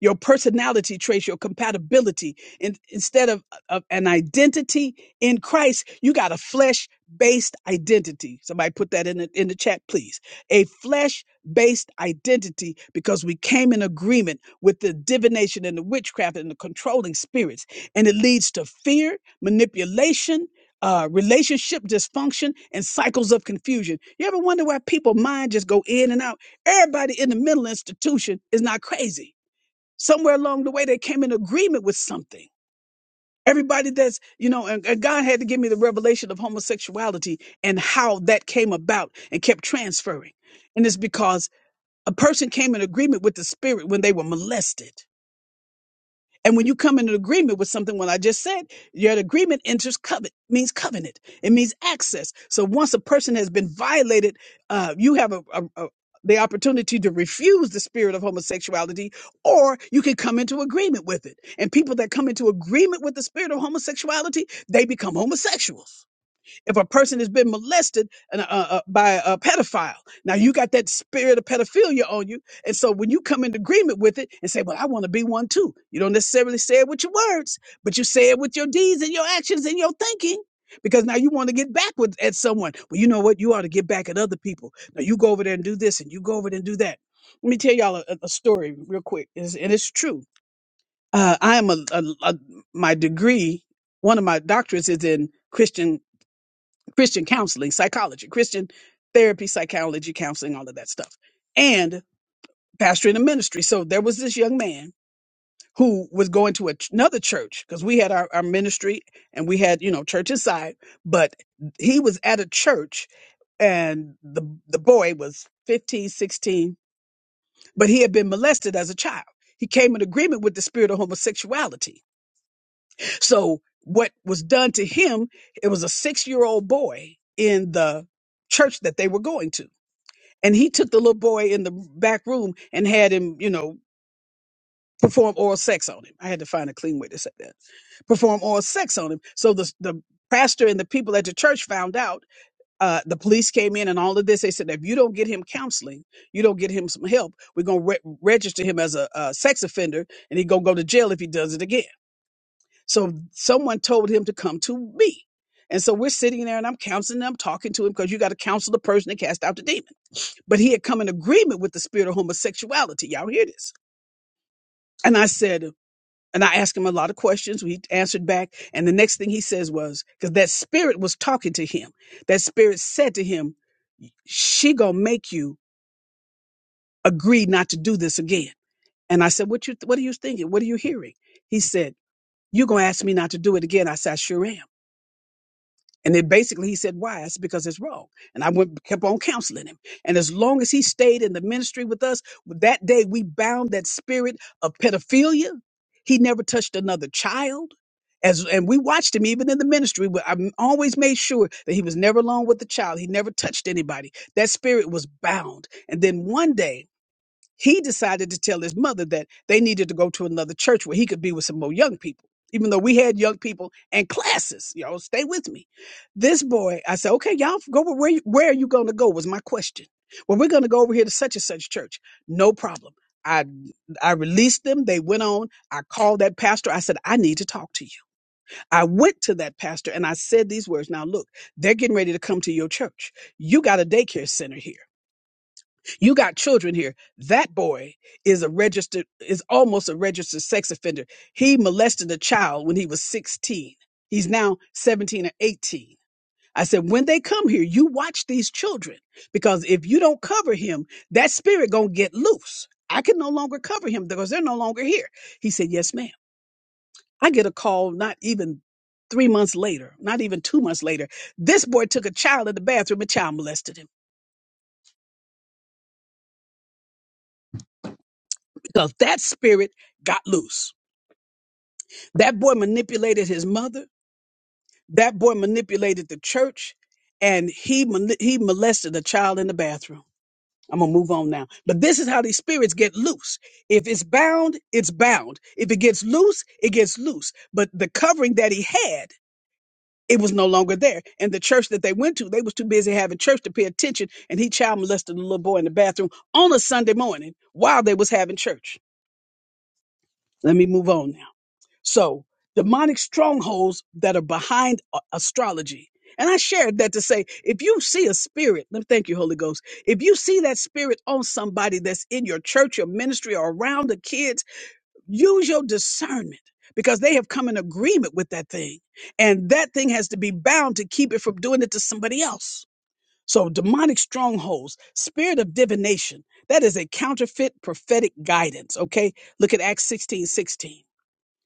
Speaker 1: your personality traits, your compatibility. In, instead of, of an identity in Christ, you got a flesh based identity. Somebody put that in the, in the chat, please. A flesh based identity because we came in agreement with the divination and the witchcraft and the controlling spirits. And it leads to fear, manipulation. Uh, relationship dysfunction and cycles of confusion. You ever wonder why people mind just go in and out? Everybody in the mental institution is not crazy somewhere along the way they came in agreement with something everybody that's you know and, and god had to give me the revelation of homosexuality and how that came about and kept transferring and it's because a person came in agreement with the spirit when they were molested and when you come into agreement with something, when I just said, your agreement enters covenant, means covenant. It means access. So once a person has been violated, uh, you have a, a, a the opportunity to refuse the spirit of homosexuality, or you can come into agreement with it. And people that come into agreement with the spirit of homosexuality, they become homosexuals if a person has been molested and, uh, uh, by a pedophile, now you got that spirit of pedophilia on you. And so when you come in agreement with it and say, Well, I want to be one too, you don't necessarily say it with your words, but you say it with your deeds and your actions and your thinking. Because now you want to get back with at someone. Well, you know what? You ought to get back at other people. Now you go over there and do this, and you go over there and do that. Let me tell y'all a, a a story real quick, It's- and it's true. Uh, I am a, a, a my degree. One of my doctorates is in Christian Christian counseling, psychology, Christian therapy, psychology, counseling, all of that stuff, and pastoring and ministry. So there was this young man who was going to a ch- another church because we had our, our ministry and we had, you know, church inside, but he was at a church and the, the boy was 15, 16, but he had been molested as a child. He came in agreement with the spirit of homosexuality so what was done to him, it was a six year old boy in the church that they were going to. And he took the little boy in the back room and had him, you know, perform oral sex on him. I had to find a clean way to say that. Perform oral sex on him. So the, the pastor and the people at the church found out. Uh, the police came in and all of this. They said, if you don't get him counseling, you don't get him some help, we're going to re- register him as a, a sex offender and he going to go to jail if he does it again. So someone told him to come to me. And so we're sitting there and I'm counseling him, talking to him because you got to counsel the person that cast out the demon. But he had come in agreement with the spirit of homosexuality. Y'all hear this? And I said, and I asked him a lot of questions. We answered back. And the next thing he says was, because that spirit was talking to him, that spirit said to him, she gonna make you agree not to do this again. And I said, what you, what are you thinking? What are you hearing? He said, you gonna ask me not to do it again. I said, I sure am. And then basically he said, why? It's because it's wrong. And I went, kept on counseling him. And as long as he stayed in the ministry with us, that day we bound that spirit of pedophilia. He never touched another child. As, and we watched him even in the ministry. But I always made sure that he was never alone with the child. He never touched anybody. That spirit was bound. And then one day he decided to tell his mother that they needed to go to another church where he could be with some more young people, even though we had young people and classes. Y'all stay with me. This boy, I said, okay, y'all go where where where are you going to go? Was my question. Well, we're going to go over here to such and such church. No problem. I I released them. They went on. I called that pastor. I said, I need to talk to you. I went to that pastor and I said these words. Now look, they're getting ready to come to your church. You got a daycare center here you got children here that boy is a registered is almost a registered sex offender he molested a child when he was 16 he's now 17 or 18 i said when they come here you watch these children because if you don't cover him that spirit gonna get loose i can no longer cover him because they're no longer here he said yes ma'am i get a call not even Three months later, not even two months later, this boy took a child in the bathroom and child molested him because that spirit got loose. That boy manipulated his mother. That boy manipulated the church, and he mani- he molested a child in the bathroom. I'm gonna move on now. But this is how these spirits get loose. If it's bound, it's bound. If it gets loose, it gets loose. But the covering that he had, it was no longer there. And the church that they went to, they was too busy having church to pay attention. And he child molested a little boy in the bathroom on a Sunday morning while they was having church. Let me move on now. So, demonic strongholds that are behind a- astrology. And I shared that to say, if you see a spirit, let me thank you, Holy Ghost. If you see that spirit on somebody that's in your church, your ministry, or around the kids, use your discernment because they have come in agreement with that thing. And that thing has to be bound to keep it from doing it to somebody else. So, demonic strongholds, spirit of divination, that is a counterfeit prophetic guidance. Okay. Look at Acts 16 16.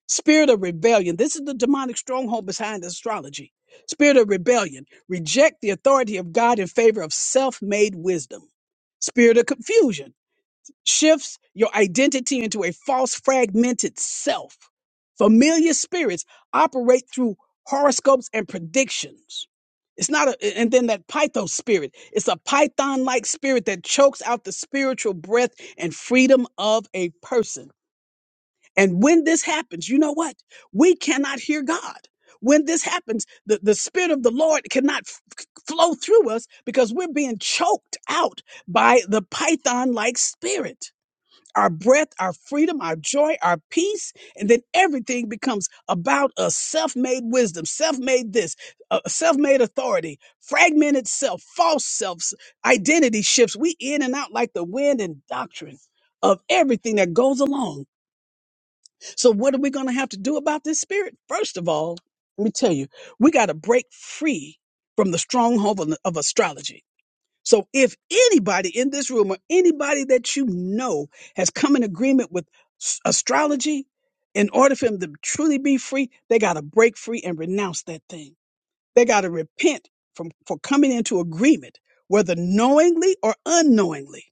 Speaker 1: Spirit of rebellion. This is the demonic stronghold behind astrology. Spirit of rebellion. Reject the authority of God in favor of self made wisdom. Spirit of confusion shifts your identity into a false, fragmented self. Familiar spirits operate through horoscopes and predictions. It's not a, and then that pythos spirit. It's a python like spirit that chokes out the spiritual breath and freedom of a person and when this happens, you know what? We cannot hear God. When this happens, the, the Spirit of the Lord cannot f- f- flow through us because we're being choked out by the python like spirit. Our breath, our freedom, our joy, our peace, and then everything becomes about us self made wisdom, self made this, uh, self made authority, fragmented self, false selves, identity shifts. We in and out like the wind and doctrine of everything that goes along so, what are we going to have to do about this spirit? First of all, let me tell you, we got to break free from the stronghold of, of astrology. So, if anybody in this room or anybody that you know has come in agreement with s- astrology, in order for them to truly be free, they got to break free and renounce that thing. They got to repent from for coming into agreement, whether knowingly or unknowingly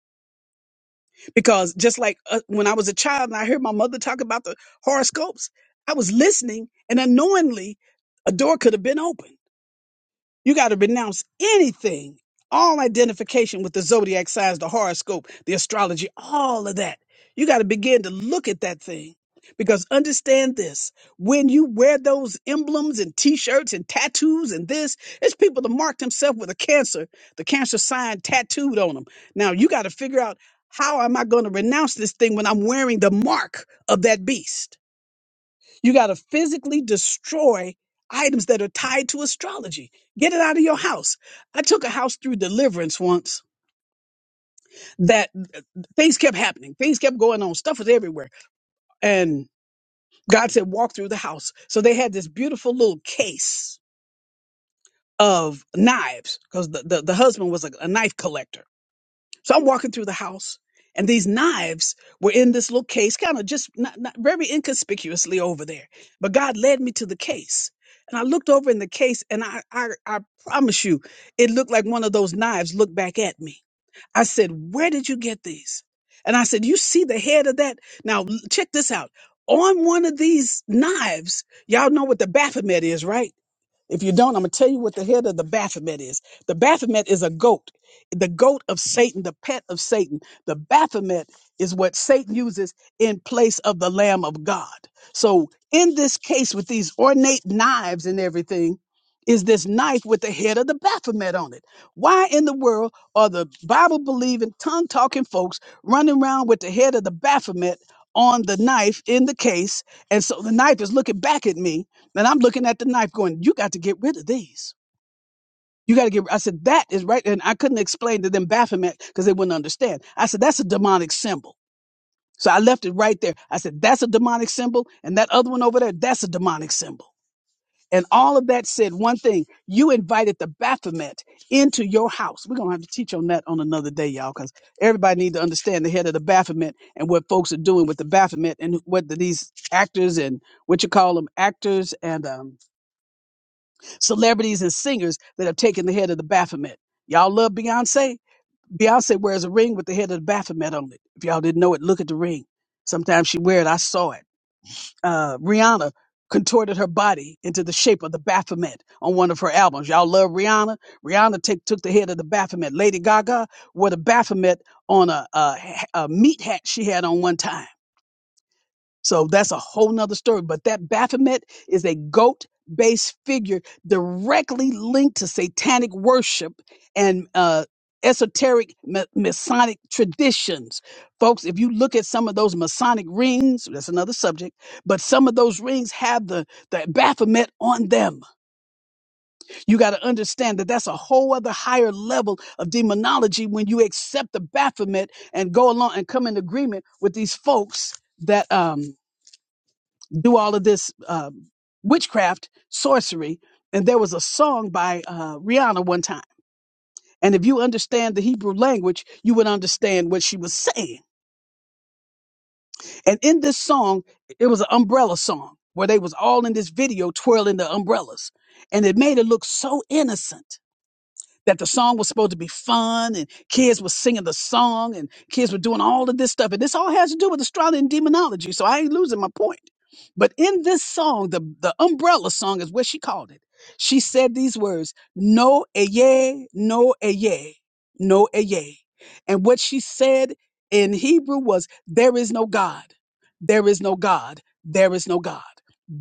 Speaker 1: because just like uh, when I was a child and I heard my mother talk about the horoscopes, I was listening and unknowingly a door could have been open. You got to renounce anything, all identification with the zodiac signs, the horoscope, the astrology, all of that. You got to begin to look at that thing. Because understand this when you wear those emblems and t shirts and tattoos and this, it's people that mark themselves with a cancer, the cancer sign tattooed on them. Now you got to figure out how am I going to renounce this thing when I'm wearing the mark of that beast? You got to physically destroy items that are tied to astrology. Get it out of your house. I took a house through deliverance once that uh, things kept happening. Things kept going on. Stuff was everywhere. And God said, walk through the house. So they had this beautiful little case of knives because the, the, the husband was a, a knife collector. So I'm walking through the house, and these knives were in this little case, kind of just not, not very inconspicuously over there. But God led me to the case. And I looked over in the case, and I, I, I promise you, it looked like one of those knives looked back at me. I said, Where did you get these? And I said, You see the head of that? Now, l- check this out. On one of these knives, y'all know what the Baphomet is, right? If you don't, I'm going to tell you what the head of the Baphomet is. The Baphomet is a goat, the goat of Satan, the pet of Satan. The Baphomet is what Satan uses in place of the Lamb of God. So, in this case, with these ornate knives and everything, is this knife with the head of the Baphomet on it? Why in the world are the Bible believing, tongue talking folks running around with the head of the Baphomet on the knife in the case? And so the knife is looking back at me and I'm looking at the knife going, you got to get rid of these. You got to get, I said, that is right. And I couldn't explain to them Baphomet because they wouldn't understand. I said, that's a demonic symbol. So I left it right there. I said, that's a demonic symbol. And that other one over there, that's a demonic symbol. And all of that said one thing, you invited the Baphomet into your house. We're going to have to teach on that on another day, y'all, because everybody need to understand the head of the Baphomet and what folks are doing with the Baphomet and what these actors and what you call them actors and, um, celebrities and singers that have taken the head of the Baphomet. Y'all love Beyonce? Beyonce wears a ring with the head of the Baphomet on it. If y'all didn't know it, look at the ring. Sometimes she wear it. I saw it. Uh, Rihanna contorted her body into the shape of the Baphomet on one of her albums. Y'all love Rihanna? Rihanna take, took the head of the Baphomet. Lady Gaga wore the Baphomet on a, a, a meat hat she had on one time. So that's a whole nother story. But that Baphomet is a goat based figure directly linked to satanic worship and uh, esoteric ma- Masonic traditions. Folks, if you look at some of those Masonic rings, that's another subject, but some of those rings have the, the Baphomet on them. You got to understand that that's a whole other higher level of demonology when you accept the Baphomet and go along and come in agreement with these folks that. um do all of this um, witchcraft, sorcery. And there was a song by uh, Rihanna one time. And if you understand the Hebrew language, you would understand what she was saying. And in this song, it was an umbrella song where they was all in this video twirling the umbrellas. And it made it look so innocent that the song was supposed to be fun and kids were singing the song and kids were doing all of this stuff. And this all has to do with astrology and demonology. So I ain't losing my point. But in this song, the, the umbrella song is what she called it. She said these words, no eye, no eye, no eye. And what she said in Hebrew was, there is no God. There is no God. There is no God.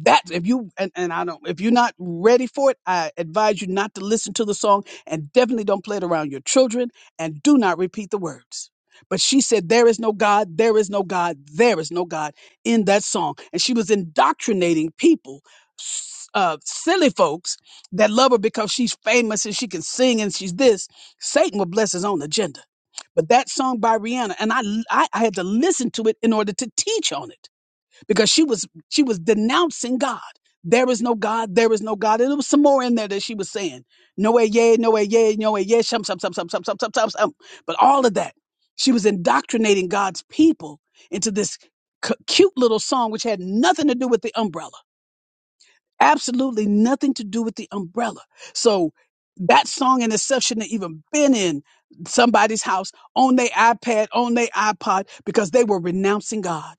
Speaker 1: That if you and, and I don't if you're not ready for it, I advise you not to listen to the song and definitely don't play it around your children and do not repeat the words. But she said, There is no God, there is no God, there is no God in that song. And she was indoctrinating people, s- uh, silly folks that love her because she's famous and she can sing and she's this. Satan will bless his own agenda. But that song by Rihanna, and I, l- I, I had to listen to it in order to teach on it because she was she was denouncing God. There is no God. There is no God. And there was some more in there that she was saying. No way, yay, no way, yay, no way, yay, shum, shum, shum, shum, shum, shum, shum, shum, shum. But all of that, she was indoctrinating God's people into this c- cute little song, which had nothing to do with the umbrella. Absolutely nothing to do with the umbrella. So that song in itself shouldn't have even been in somebody's house on their iPad, on their iPod, because they were renouncing God.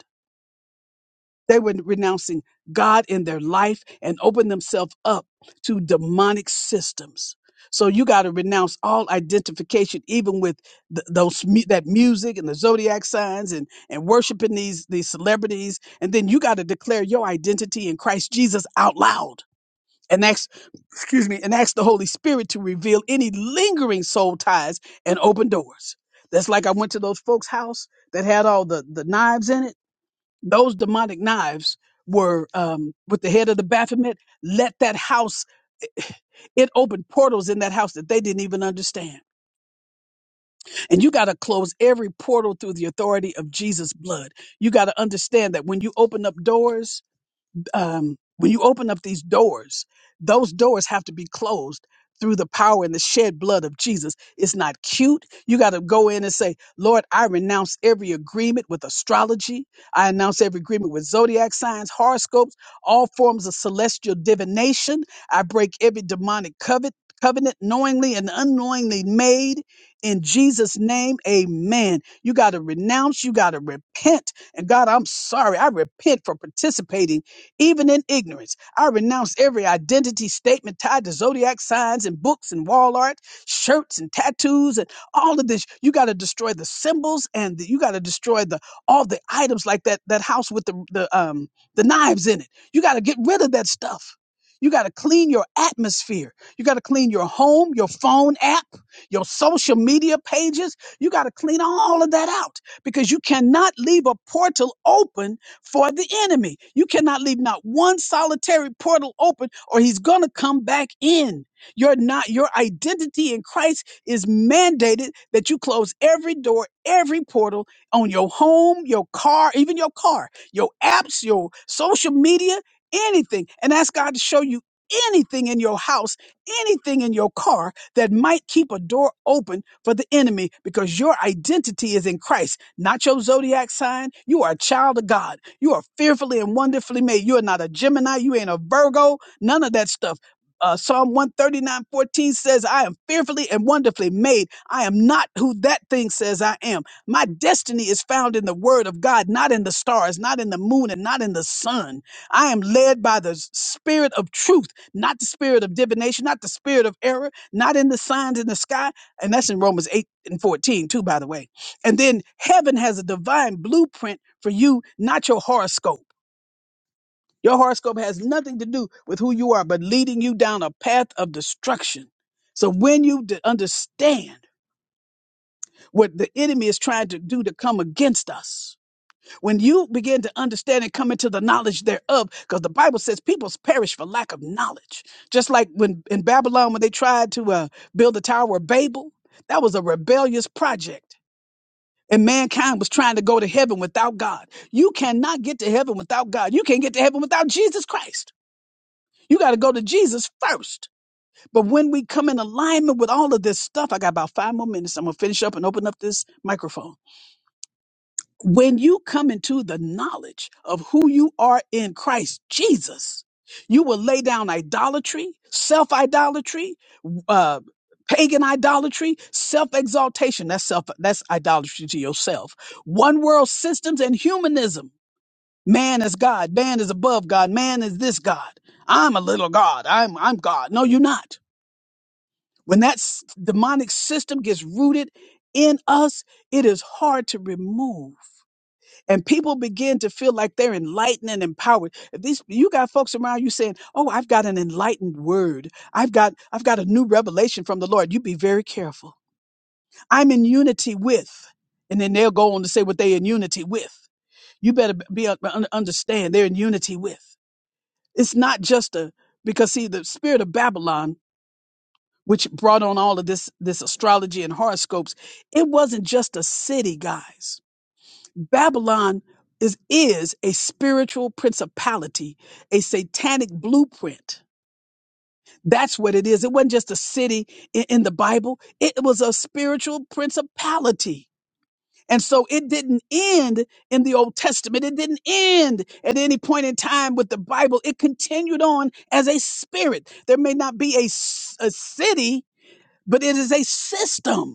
Speaker 1: They were renouncing God in their life and opened themselves up to demonic systems. So you got to renounce all identification, even with th- those mu- that music and the zodiac signs, and and worshiping these these celebrities, and then you got to declare your identity in Christ Jesus out loud, and ask, excuse me, and ask the Holy Spirit to reveal any lingering soul ties and open doors. That's like I went to those folks' house that had all the the knives in it those demonic knives were um, with the head of the Baphomet, let that house, it opened portals in that house that they didn't even understand. And you got to close every portal through the authority of Jesus' blood. You got to understand that when you open up doors, um, when you open up these doors, those doors have to be closed through the power and the shed blood of Jesus. It's not cute. You got to go in and say, Lord, I renounce every agreement with astrology. I announce every agreement with zodiac signs, horoscopes, all forms of celestial divination. I break every demonic covet, covenant knowingly and unknowingly made in Jesus' name. Amen. You got to renounce. You got to repent. And God, I'm sorry. I repent for participating even in ignorance. I renounce every identity statement tied to zodiac signs and books and wall art, shirts and tattoos and all of this. You got to destroy the symbols and the, you got to destroy the all the items like that that house with the the um the knives in it. You got to get rid of that stuff. You got to clean your atmosphere. You got to clean your home, your phone app, your social media pages. You got to clean all of that out because you cannot leave a portal open for the enemy. You cannot leave not one solitary portal open or he's going to come back in. You're not your identity in Christ is mandated that you close every door, every portal on your home, your car, even your car, your apps, your social media, anything. And ask God to show you anything in your house, anything in your car that might keep a door open for the enemy because your identity is in Christ, not your zodiac sign. You are a child of God. You are fearfully and wonderfully made. You are not a Gemini. You ain't a Virgo. None of that stuff. Uh, Psalm one thirty nine fourteen says, I am fearfully and wonderfully made. I am not who that thing says I am. My destiny is found in the word of God, not in the stars, not in the moon, and not in the sun. I am led by the s- spirit of truth, not the spirit of divination, not the spirit of error, not in the signs in the sky. And that's in Romans 8 and 14, too, by the way. And then heaven has a divine blueprint for you, not your horoscope. Your horoscope has nothing to do with who you are, but leading you down a path of destruction. So when you d- understand what the enemy is trying to do to come against us, when you begin to understand and come into the knowledge thereof, because the Bible says peoples perish for lack of knowledge. Just like when in Babylon, when they tried to uh, build the Tower of Babel, that was a rebellious project And mankind was trying to go to heaven without God. You cannot get to heaven without God. You can't get to heaven without Jesus Christ. You got to go to Jesus first. But when we come in alignment with all of this stuff, I got about five more minutes. I'm going to finish up and open up this microphone when you come into the knowledge of who you are in Christ Jesus, you will lay down idolatry, self idolatry, uh, pagan idolatry, self exaltation. That's self. That's idolatry to yourself. One world systems and humanism. Man is God. Man is above God. Man is this God. I'm a little God. I'm I'm God. No, you're not. When that s- demonic system gets rooted in us, it is hard to remove and people begin to feel like they're enlightened and empowered. If these you got folks around you saying, "Oh, I've got an enlightened word. I've got I've got a new revelation from the Lord." You be very careful. I'm in unity with, and then they'll go on to say what they in unity with. You better be un- understand they're in unity with. It's not just a because see the spirit of Babylon, which brought on all of this this astrology and horoscopes. It wasn't just a city, guys Babylon is, is a spiritual principality, a satanic blueprint. That's what it is. It wasn't just a city in, in the Bible, it was a spiritual principality. And so it didn't end in the Old Testament. It didn't end at any point in time with the Bible. It continued on as a spirit. There may not be a, s- a city, but it is a system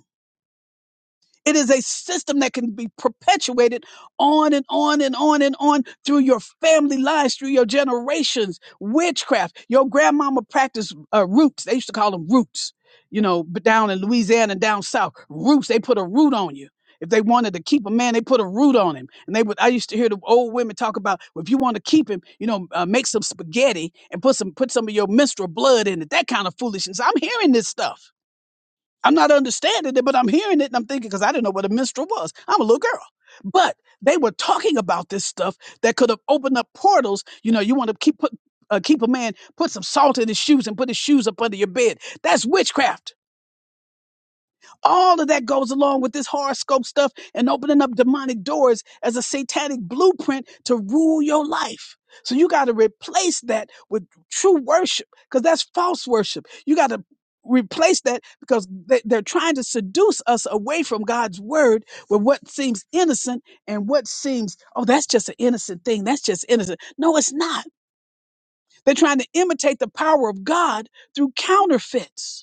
Speaker 1: It is a system that can be perpetuated on and on and on and on through your family lines, through your generations. Witchcraft. Your grandmama practiced uh, roots. They used to call them roots, you know, but down in Louisiana and down south. Roots. They put a root on you. If they wanted to keep a man, they put a root on him. And they would, I used to hear the old women talk about, well, if you want to keep him, you know, uh, make some spaghetti and put some, put some of your menstrual blood in it. That kind of foolishness. I'm hearing this stuff. I'm not understanding it, but I'm hearing it and I'm thinking because I didn't know what a minstrel was. I'm a little girl. But they were talking about this stuff that could have opened up portals. You know, you want to keep put, uh, keep a man, put some salt in his shoes and put his shoes up under your bed. That's witchcraft all of that goes along with this horoscope stuff and opening up demonic doors as a satanic blueprint to rule your life. So you got to replace that with true worship because that's false worship. You got to replace that because they- they're trying to seduce us away from God's word with what seems innocent and what seems, oh, that's just an innocent thing. That's just innocent. No, it's not. They're trying to imitate the power of God through counterfeits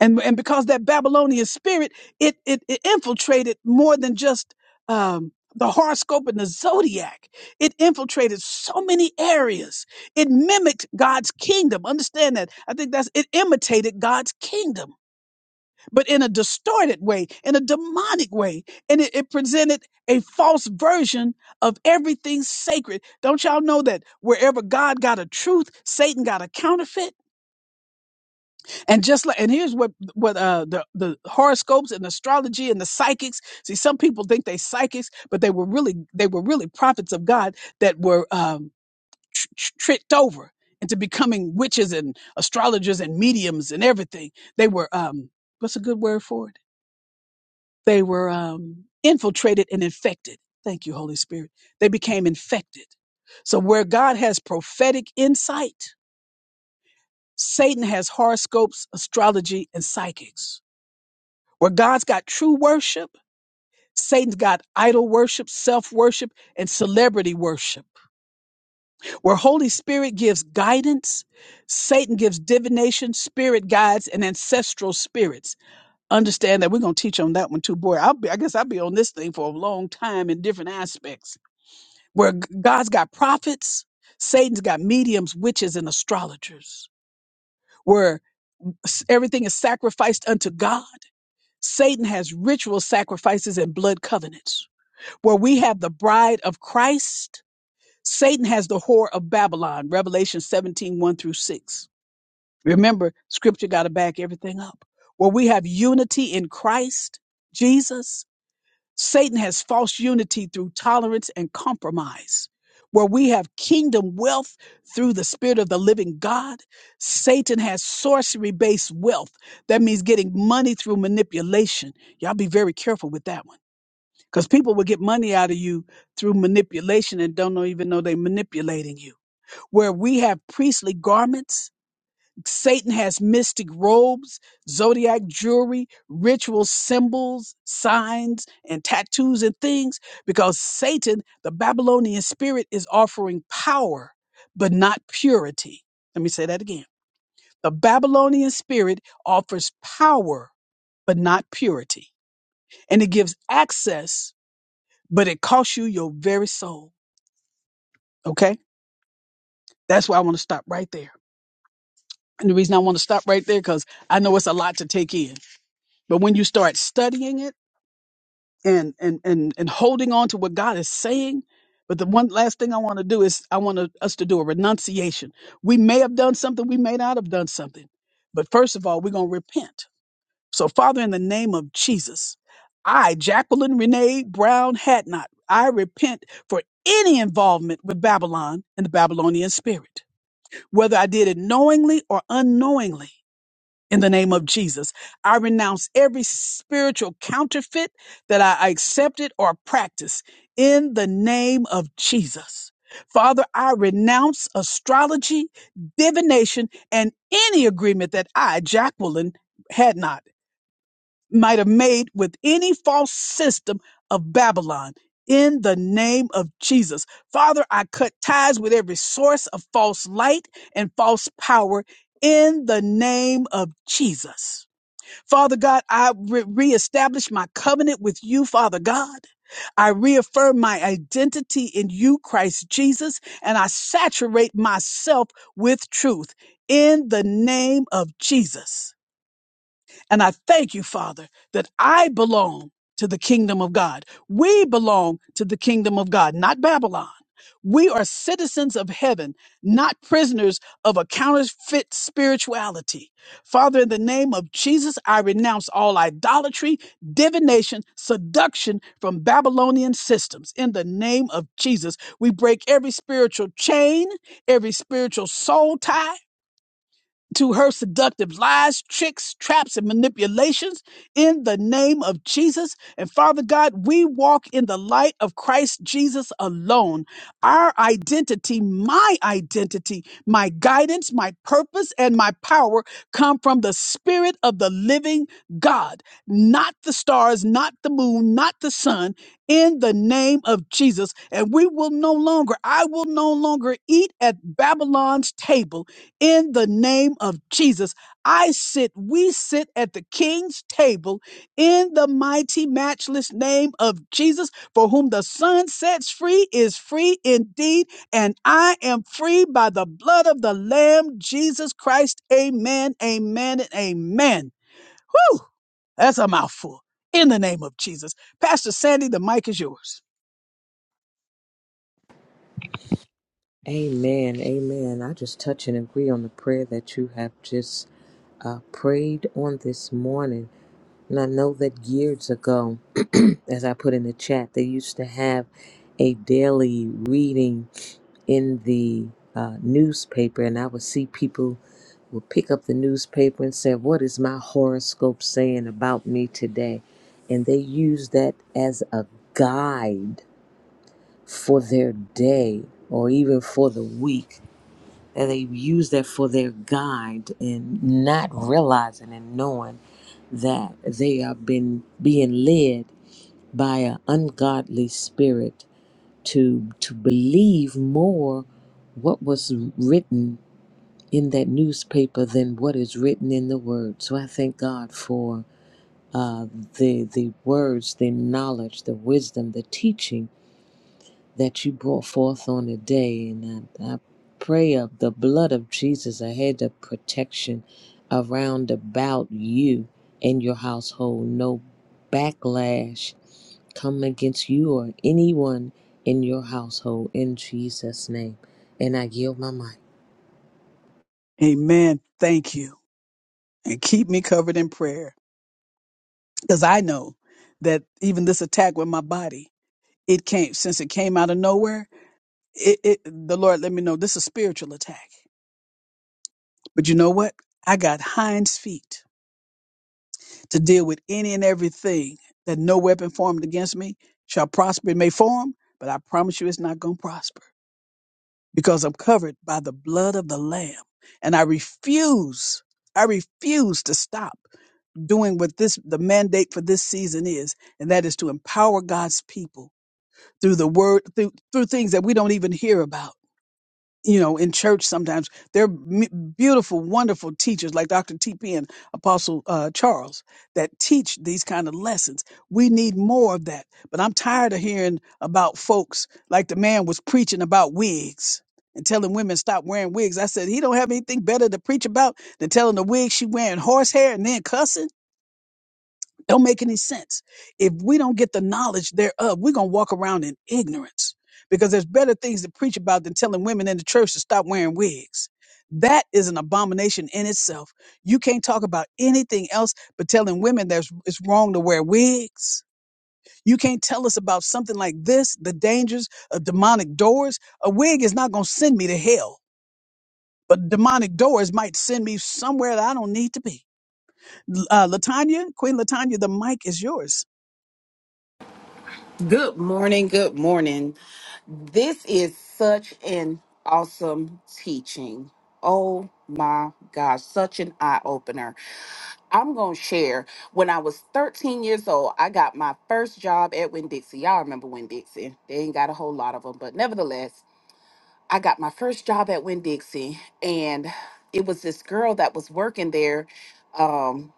Speaker 1: and and because that Babylonian spirit it it, it infiltrated more than just um, the horoscope and the zodiac. It infiltrated so many areas. It mimicked God's kingdom. Understand that? I think that's it imitated God's kingdom, but in a distorted way, in a demonic way, and it, it presented a false version of everything sacred. Don't y'all know that wherever God got a truth, Satan got a counterfeit? And just like, and here's what what uh, the the horoscopes and astrology and the psychics. See, some people think they psychics, but they were really they were really prophets of God that were um, tr- tr- tricked over into becoming witches and astrologers and mediums and everything. They were um, what's a good word for it? They were um, infiltrated and infected. Thank you, Holy Spirit. They became infected. So where God has prophetic insight, Satan has horoscopes, astrology, and psychics. where God's got true worship, Satan's got idol worship, self worship, and celebrity worship. Where Holy Spirit gives guidance, Satan gives divination, spirit guides, and ancestral spirits. Understand that we're going to teach on that one too, boy. I'll be, I guess I'll be on this thing for a long time in different aspects. Where G- God's got prophets, Satan's got mediums, witches, and astrologers. Where s- everything is sacrificed unto God, Satan has ritual sacrifices and blood covenants where we have the bride of Christ. Satan has the whore of Babylon, Revelation seventeen one through 6. Remember, scripture got to back everything up. Where we have unity in Christ, Jesus, Satan has false unity through tolerance and compromise. Where we have kingdom wealth through the spirit of the living God, Satan has sorcery based wealth. That means getting money through manipulation. Y'all be very careful with that one because people will get money out of you through manipulation and don't know- even know they're manipulating you. Where we have priestly garments, Satan has mystic robes, zodiac jewelry, ritual symbols, signs, and tattoos and things, because Satan, the Babylonian spirit, is offering power, but not purity. Let me say that again. The Babylonian spirit offers power, but not purity. And it gives access but it costs you your very soul. Okay. That's why I want to stop right there. And the reason I want to stop right there, because I know it's a lot to take in. But when you start studying it and, and, and, and holding on to what God is saying, but the one last thing I want to do is I want to, us to do a renunciation. We may have done something. We may not have done something. But first of all, we're going to repent So, Father, in the name of Jesus, I, Jacqueline Renee Brown Hatnot, I repent for any involvement with Babylon and the Babylonian spirit, whether I did it knowingly or unknowingly. In the name of Jesus, I renounce every spiritual counterfeit that I I accepted or practiced. In the name of Jesus. Father, I renounce astrology, divination, and any agreement that I, Jacqueline, Hadnot might have made with any false system of Babylon. In the name of Jesus. Father, I cut ties with every source of false light and false power in the name of Jesus. Father God, I re- reestablish my covenant with you, Father God. I reaffirm my identity in you, Christ Jesus, and I saturate myself with truth in the name of Jesus. And I thank you, Father, that I belong to the kingdom of God. We belong to the kingdom of God, not Babylon. We are citizens of heaven, not prisoners of a counterfeit spirituality. Father, in the name of Jesus, I renounce all idolatry, divination, seduction from Babylonian systems. In the name of Jesus, we break every spiritual chain, every spiritual soul tie to her seductive lies, tricks, traps, and manipulations in the name of Jesus. And Father God, we walk in the light of Christ Jesus alone. Our identity, my identity, my guidance, my purpose, and my power come from the Spirit of the living God, not the stars, not the moon, not the sun, in the name of Jesus. And we will no longer, I will no longer eat at Babylon's table in the name of Jesus. I sit, we sit at the king's table in the mighty, matchless name of Jesus, for whom the Son sets free is free indeed. And I am free by the blood of the Lamb, Jesus Christ. Amen, amen, and amen. Whew, that's a mouthful. In the name of Jesus. Pastor Sandy, the mic is yours.
Speaker 2: Amen. Amen. I just touch and agree on the prayer that you have just uh, prayed on this morning. And I know that years ago, as I put in the chat, they used to have a daily reading in the uh, newspaper, and I would see people would pick up the newspaper and say, What is my horoscope saying about me today? And they use that as a guide for their day or even for the week that they use that for their guide and not realizing and knowing that they are been being led by an ungodly spirit to to believe more what was written in that newspaper than what is written in the word. So I thank God for uh, the the words, the knowledge, the wisdom, the teaching that you brought forth on the day. And I, I pray of the blood of Jesus a hedge of protection around about you and your household. No backlash come against you or anyone in your household in Jesus' name. And I yield my mic.
Speaker 1: Amen. Thank you. And keep me covered in prayer. Because I know that even this attack with my body, it came since it came out of nowhere, it, it the Lord let me know this is a spiritual attack. But you know what? I got hinds feet to deal with any and everything that no weapon formed against me shall prosper. It may form, but I promise you it's not gonna prosper. Because I'm covered by the blood of the Lamb. And I refuse, I refuse to stop. doing what this the mandate for this season is, and that is to empower God's people through the word, through through things that we don't even hear about. You know, in church sometimes there are m- beautiful, wonderful teachers like Dr. T.P. and Apostle uh, Charles that teach these kind of lessons. We need more of that. But I'm tired of hearing about folks like the man was preaching about wigs and telling women stop wearing wigs. I said he don't have anything better to preach about than telling the wig she wearing horsehair and then cussing. Don't make any sense. If we don't get the knowledge thereof, we're going to walk around in ignorance because there's better things to preach about than telling women in the church to stop wearing wigs. That is an abomination in itself. You can't talk about anything else but telling women that it's wrong to wear wigs. You can't tell us about something like this, the dangers of demonic doors. A wig is not going to send me to hell, but demonic doors might send me somewhere that I don't need to be. Uh, Latanya, Queen Latanya, the mic is yours.
Speaker 3: Good morning. Good morning. This is such an awesome teaching. Oh my gosh, such an eye opener. I'm going to share. When I was 13 years old, I got my first job at Winn Dixie. Y'all remember Winn Dixie? They ain't got a whole lot of them, but nevertheless, I got my first job at Winn Dixie, and it was this girl that was working there. Um,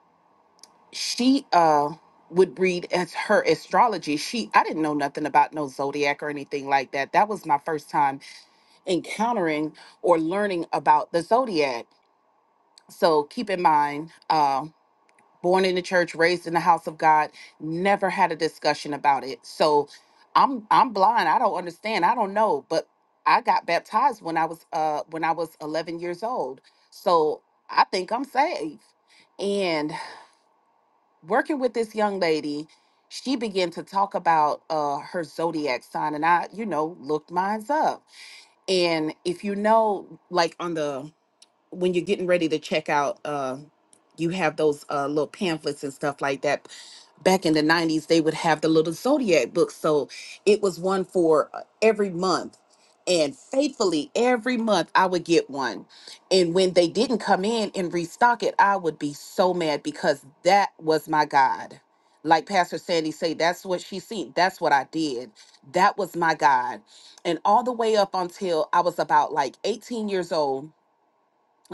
Speaker 3: she uh would read as her astrology she i didn't know nothing about no zodiac or anything like that that was my first time encountering or learning about the zodiac so keep in mind uh born in the church raised in the house of god never had a discussion about it so i'm i'm blind i don't understand i don't know but i got baptized when i was uh when i was 11 years old so i think i'm saved and working with this young lady, she began to talk about uh, her zodiac sign, and I, you know, looked mine up. And if you know, like on the when you're getting ready to check out, uh, you have those uh, little pamphlets and stuff like that. Back in the 90s, they would have the little zodiac books. So it was one for uh, every month. And faithfully, every month I would get one. And when they didn't come in and restock it, I would be so mad because that was my God. Like Pastor Sandy say, that's what she seen. That's what I did. That was my God. And all the way up until I was about like 18 years old,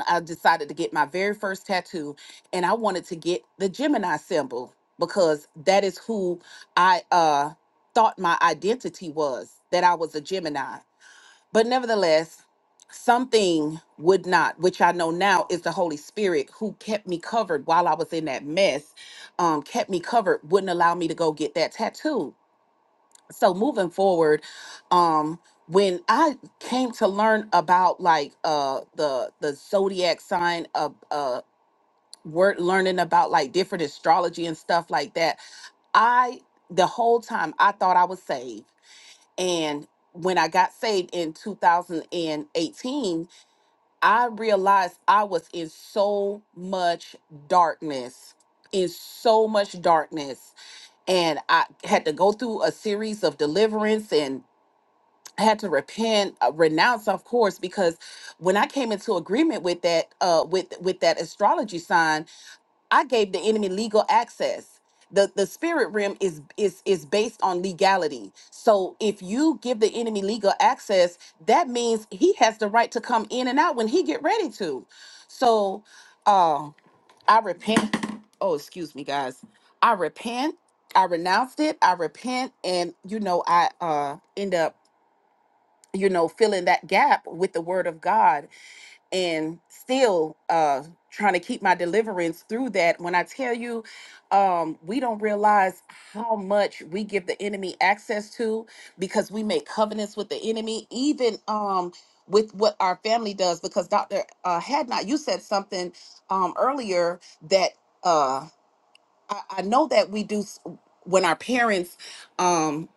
Speaker 3: I decided to get my very first tattoo and I wanted to get the Gemini symbol because that is who I uh thought my identity was that I was a Gemini. But nevertheless, something would not, which I know now is the Holy Spirit who kept me covered while I was in that mess, um, kept me covered, wouldn't allow me to go get that tattoo so moving forward um when i came to learn about like uh the the zodiac sign of uh word learning about like different astrology and stuff like that i the whole time i thought i was saved and when i got saved in 2018 i realized i was in so much darkness in so much darkness and i had to go through a series of deliverance and had to repent uh, renounce of course because when i came into agreement with that uh with with that astrology sign i gave the enemy legal access the the spirit realm is is is based on legality so if you give the enemy legal access that means he has the right to come in and out when he get ready to so uh i repent oh excuse me guys i repent i renounced it i repent and you know i uh end up you know, filling that gap with the word of God and still uh trying to keep my deliverance through that. When I tell you, um, we don't realize how much we give the enemy access to because we make covenants with the enemy, even um with what our family does, because Dr. Uh, had not you said something um earlier that uh I, I know that we do s- when our parents um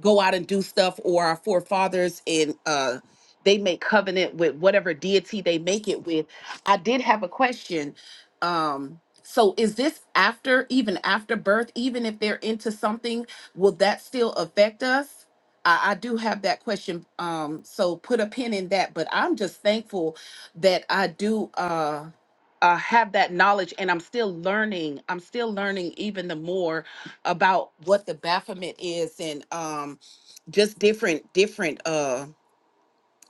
Speaker 3: go out and do stuff or our forefathers and uh they make covenant with whatever deity they make it with i did have a question um so is this after even after birth even if they're into something will that still affect us i, I do have that question um so put a pin in that but i'm just thankful that i do uh uh, have that knowledge and i'm still learning i'm still learning even the more about what the baphomet is and um just different different uh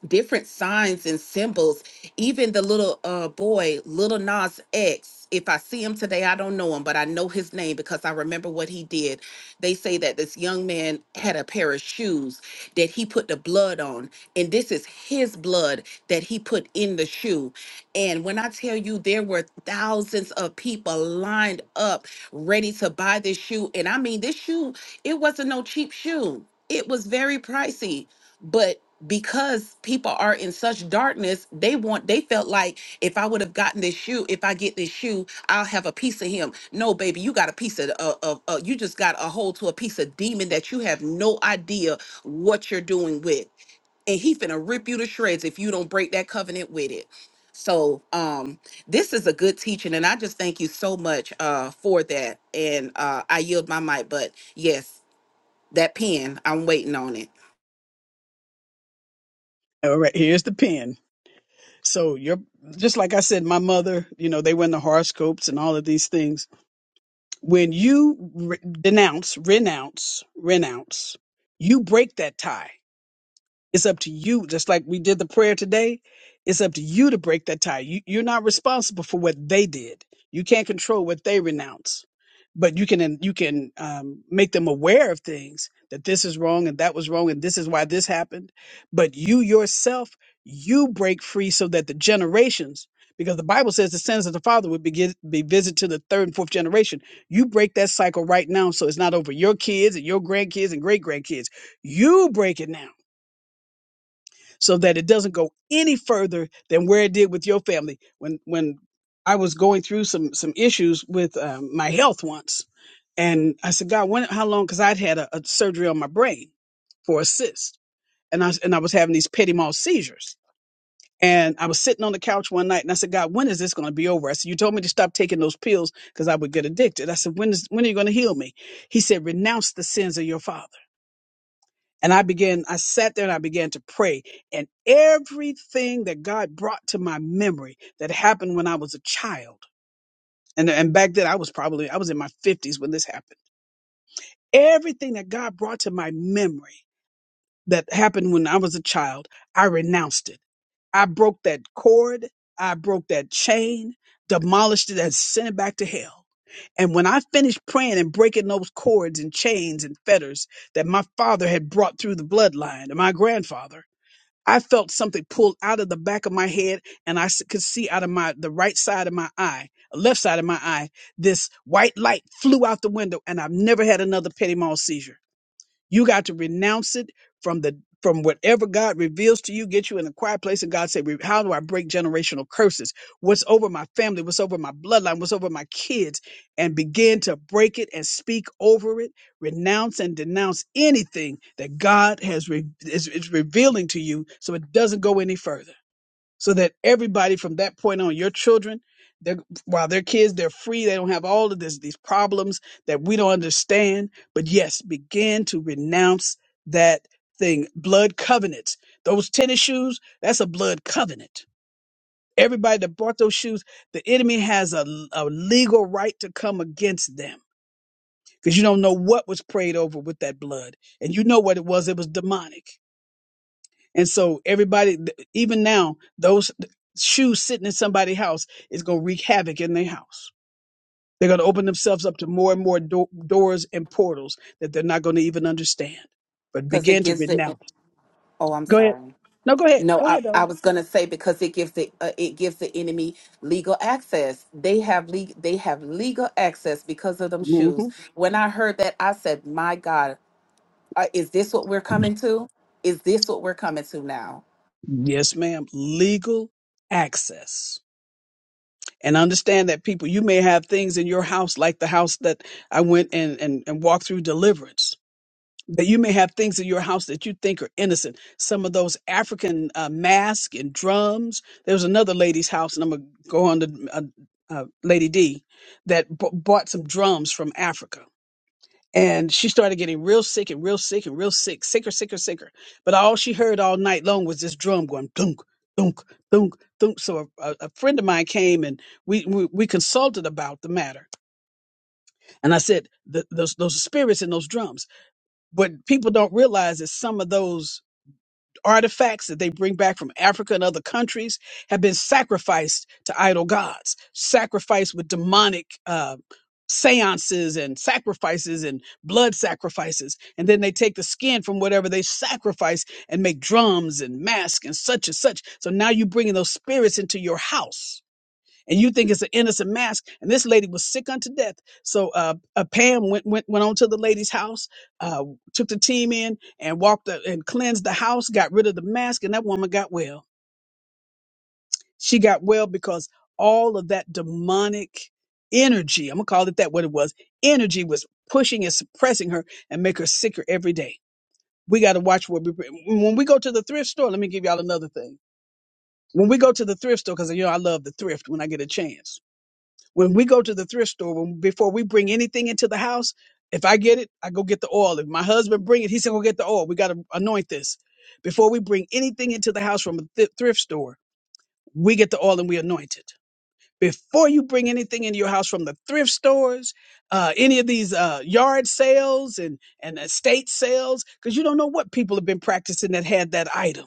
Speaker 3: different signs and symbols. Even the little uh boy, little Nas X. If I see him today, I don't know him, but I know his name because I remember what he did. They say that this young man had a pair of shoes that he put the blood on, and this is his blood that he put in the shoe. And when I tell you there were thousands of people lined up ready to buy this shoe, and I mean this shoe, it wasn't no cheap shoe. It was very pricey, but because people are in such darkness they want they felt like if i would have gotten this shoe if i get this shoe i'll have a piece of him no baby you got a piece of, of, of, of- you just got a hold to a piece of demon that you have no idea what you're doing with and he finna rip you to shreds if you don't break that covenant with it so um this is a good teaching and i just thank you so much uh for that and uh i yield my mic but yes that pen i'm waiting on it
Speaker 1: All right, here's the pen. So you're just like I said, my mother, you know, they were in the horoscopes and all of these things. When you re- denounce, renounce, renounce, you break that tie. It's up to you. Just like we did the prayer today, it's up to you to break that tie. You, you're not responsible for what they did. You can't control what they renounce, but you can you can um, make them aware of things that this is wrong and that was wrong and this is why this happened. But you yourself, you break free so that the generations, because the Bible says the sins of the father would be, gi- be visited to the third and fourth generation. You break that cycle right now, so it's not over your kids and your grandkids and great grandkids. You break it now so that it doesn't go any further than where it did with your family. When when I was going through some some issues with um, my health once, and I said, God, when how long? Because I'd had a, a surgery on my brain for a cyst, and I was- and I was having these petit mal seizures. And I was sitting on the couch one night, and I said, God, when is this going to be over? I said, You told me to stop taking those pills because I would get addicted. I said, When is when are you going to heal me? He said, Renounce the sins of your father. And I began, I sat there and I began to pray. And everything that God brought to my memory that happened when I was a child, and, and back then I was probably, I was in my 50s when this happened. Everything that God brought to my memory that happened when I was a child, I renounced it. I broke that cord, I broke that chain, demolished it, and sent it back to hell. And when I finished praying and breaking those cords and chains and fetters that my father had brought through the bloodline and my grandfather, I felt something pulled out of the back of my head, and I s- could see out of my the right side of my eye, uh, left side of my eye. This white light flew out the window, and I've never had another petit mal seizure. You got to renounce it from the from whatever God reveals to you, get you in a quiet place. And God said, How do I break generational curses? What's over my family? What's over my bloodline? What's over my kids? And begin to break it and speak over it, renounce and denounce anything that God has re- is, is revealing to you so it doesn't go any further so that everybody from that point on, your children, they're, while they're kids, they're free. They don't have all of this, these problems that we don't understand. But yes, begin to renounce that thing. Blood covenants. Those tennis shoes, that's a blood covenant. Everybody that bought those shoes, the enemy has a, a legal right to come against them because you don't know what was prayed over with that blood. And you know what it was. It was demonic. And so everybody, th- even now, those shoes sitting in somebody's house is going to wreak havoc in their house. They're going to open themselves up to more and more do- doors and portals that they're not going to even understand. But
Speaker 3: because it
Speaker 1: begin to
Speaker 3: gives it
Speaker 1: renounce.
Speaker 3: Oh, I'm
Speaker 1: Go ahead.
Speaker 3: sorry.
Speaker 1: No, go ahead.
Speaker 3: No,
Speaker 1: Go
Speaker 3: I,
Speaker 1: ahead,
Speaker 3: I
Speaker 1: darling.
Speaker 3: was gonna say because it gives the uh, it gives the enemy legal access. They have le- they have legal access because of them shoes.
Speaker 1: Mhm.
Speaker 3: When I heard that, I said, "My God, uh, is this what we're coming to? Is this what we're coming to now?"
Speaker 1: Yes, ma'am. Legal access. And understand that people, you may have things in your house like the house that I went and, and, and walked through deliverance But you may have things in your house that you think are innocent. Some of those African uh, masks and drums. There was another lady's house, and I'm gonna go on to uh, uh, Lady D, that b- bought some drums from Africa, and she started getting real sick and real sick and real sick, sicker, sicker, sicker. But all she heard all night long was this drum going dunk, dunk, dunk, dunk. So a, a a friend of mine came and we, we we consulted about the matter, and I said, "The- "Those those are spirits in those drums." What people don't realize is some of those artifacts that they bring back from Africa and other countries have been sacrificed to idol gods, sacrificed with demonic uh, seances and sacrifices and blood sacrifices. And then they take the skin from whatever they sacrifice and make drums and masks and such and such. So now you're bringing those spirits into your house and you think it's an innocent mask. And this lady was sick unto death. So uh, uh, Pam went, went went on to the lady's house, uh, took the team in and walked the, and cleansed the house, got rid of the mask, and that woman got well. She got well because all of that demonic energy, I'm gonna call it that what it was, energy was pushing and suppressing her and make her sicker every day. We got to watch what we when we go to the thrift store. Let me give y'all another thing. When we go to the thrift store, because you know I love the thrift when I get a chance when we go to the thrift store when, before we bring anything into the house if i get it i go get the oil if my husband bring it he said go get the oil we got to anoint this before we bring anything into the house from a th- thrift store we get the oil and we anoint it before you bring anything into your house from the thrift stores uh, any of these uh, yard sales and, and estate sales because you don't know what people have been practicing that had that item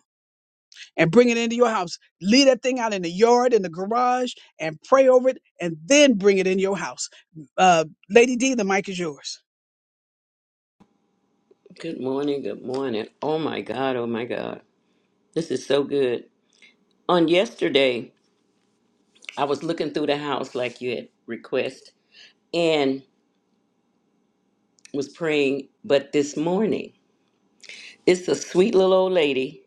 Speaker 1: and bring it into your house. Leave that thing out in the yard, in the garage, and pray over it, and then bring it in your house. Uh, Lady D, the mic is yours.
Speaker 4: Good morning. Good morning. Oh my God. Oh my God. This is so good. On yesterday, I was looking through the house like you had request and was praying. But this morning, it's a sweet little old lady,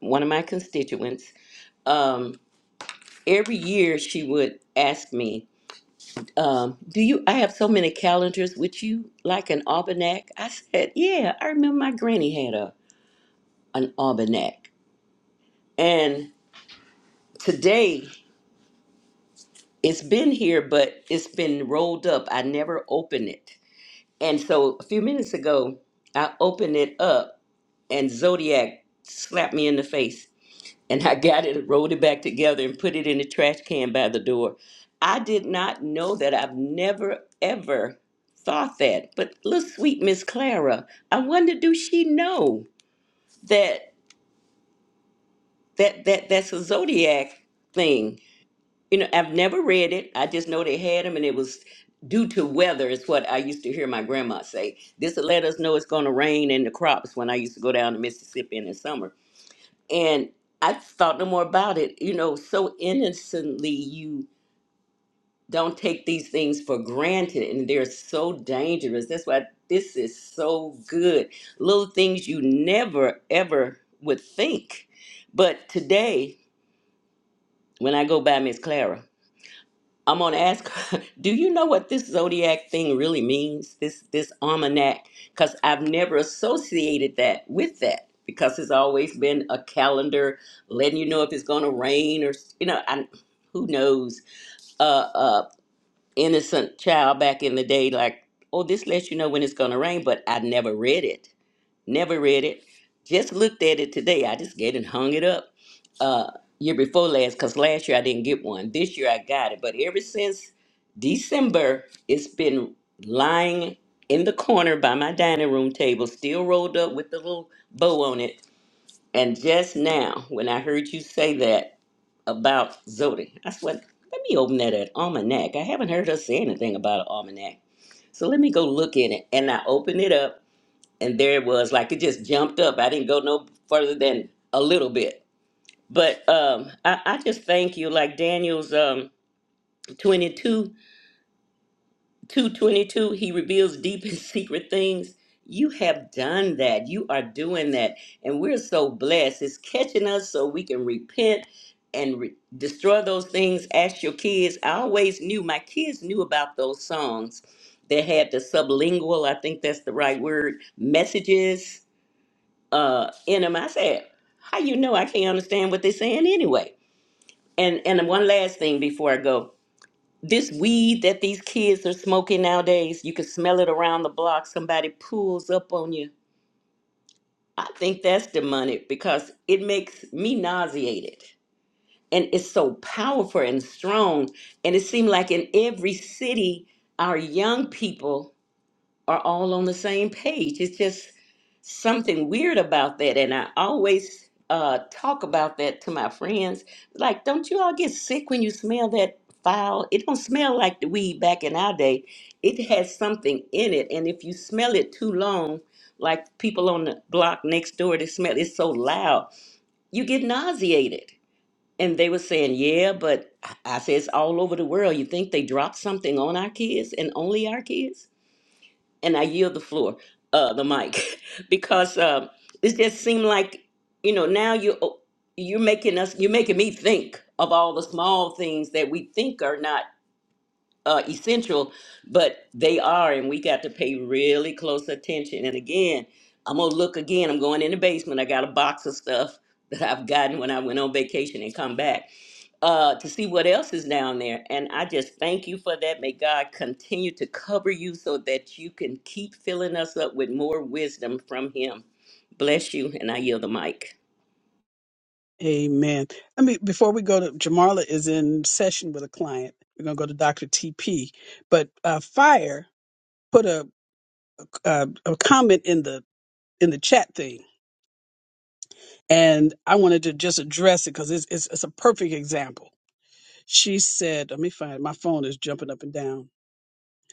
Speaker 4: one of my constituents. Um, every year she would ask me, um, do you I have so many calendars with you like an almanac? I said, Yeah, I remember my granny had a an almanac. And today it's been here, but it's been rolled up. I never opened it. And so a few minutes ago, I opened it up and Zodiac slapped me in the face. And I got it, rolled it back together, and put it in the trash can by the door. I did not know that. I've never, ever thought that. But little sweet Miss Clara, I wonder do she know that that that that's a Zodiac thing? You know, I've never read it. I just know they had them, and it was due to weather, is what I used to hear my grandma say. This will let us know it's going to rain in the crops when I used to go down to Mississippi in the summer. And I thought no more about it. You know, so innocently, you don't take these things for granted, and they're so dangerous. That's why this is so good. Little things you never, ever would think. But today, when I go by Miss Clara, I'm gonna ask her, do you know what this zodiac thing really means? This this almanac? Because I've never associated that with that because it's always been a calendar letting you know if it's gonna rain or s- you know, I, who knows? Uh, uh, innocent child back in the day, like, oh, this lets you know when it's gonna rain, but I never read it never read it. Just looked at it today. I just get and hung it up uh, year before last because last year I didn't get one. This year I got it. But ever since December, it's been lying in the corner by my dining room table, still rolled up with the little bow on it. And just now, when I heard you say that about Zodi, I said, let me open that at almanac. I haven't heard her say anything about an almanac. So let me go look in it. And I opened it up and there it was like it just jumped up i didn't go no further than a little bit but um i, I just thank you like daniel's um 22 222 he reveals deep and secret things you have done that you are doing that and we're so blessed it's catching us so we can repent and re- destroy those things ask your kids i always knew my kids knew about those songs that had the sublingual i think that's the right word messages uh, in them. I said, "How you know I can't understand what they're saying anyway?" And and one last thing before I go, this weed that these kids are smoking nowadays, you can smell it around the block. Somebody pulls up on you. I think that's demonic because it makes me nauseated, and it's so powerful and strong. And it seemed like in every city, our young people. are all on the same page. It's just something weird about that. And I always uh, talk about that to my friends. Like, don't you all get sick when you smell that foul? It don't smell like the weed back in our day. It has something in it. And if you smell it too long, like people on the block next door, they smell it's so loud, you get nauseated. And they were saying, yeah, but I I said, it's all over the world. You think they dropped something on our kids and only our kids? and I yield the floor, uh, the mic, because uh, it just seemed like you know now you oh, you're making us you're making me think of all the small things that we think are not uh, essential, but they are, and we got to pay really close attention. And again, I'm gonna look again. I'm going in the basement. I got a box of stuff that I've gotten when I went on vacation and come back uh, to see what else is down there. And I just thank you for that. May God continue to cover you so that you can keep filling us up with more wisdom from Him. Bless you, and I yield the mic.
Speaker 1: Amen. Let me before we go to Jamarla is in session with a client. We're gonna go to Doctor TP, but uh, Fire put a, a a comment in the in the chat thing, and I wanted to just address it because it's, it's it's a perfect example. She said, "Let me find it. my phone is jumping up and down."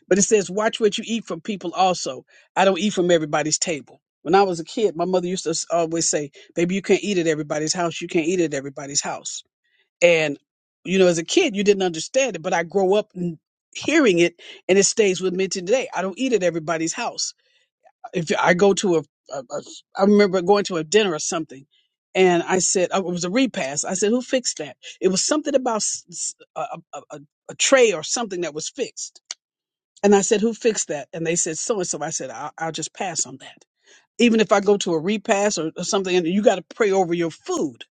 Speaker 1: But it says, watch what you eat from people also. I don't eat from everybody's table. When I was a kid, my mother used to s- always say, baby, you can't eat at everybody's house. You can't eat at everybody's house. And, you know, as a kid, you didn't understand it, but I grow up n- hearing it and it stays with me today. I don't eat at everybody's house. If I go to a, a, a I remember going to a dinner or something. And I said, oh, it was a repast. I said, who fixed that? It was something about s- s- a, a, a a tray or something that was fixed and I said, who fixed that? And they said, so and so. I said, I'll, I'll just pass on that. Even if I go to a repast or, or something, and you got to pray over your food.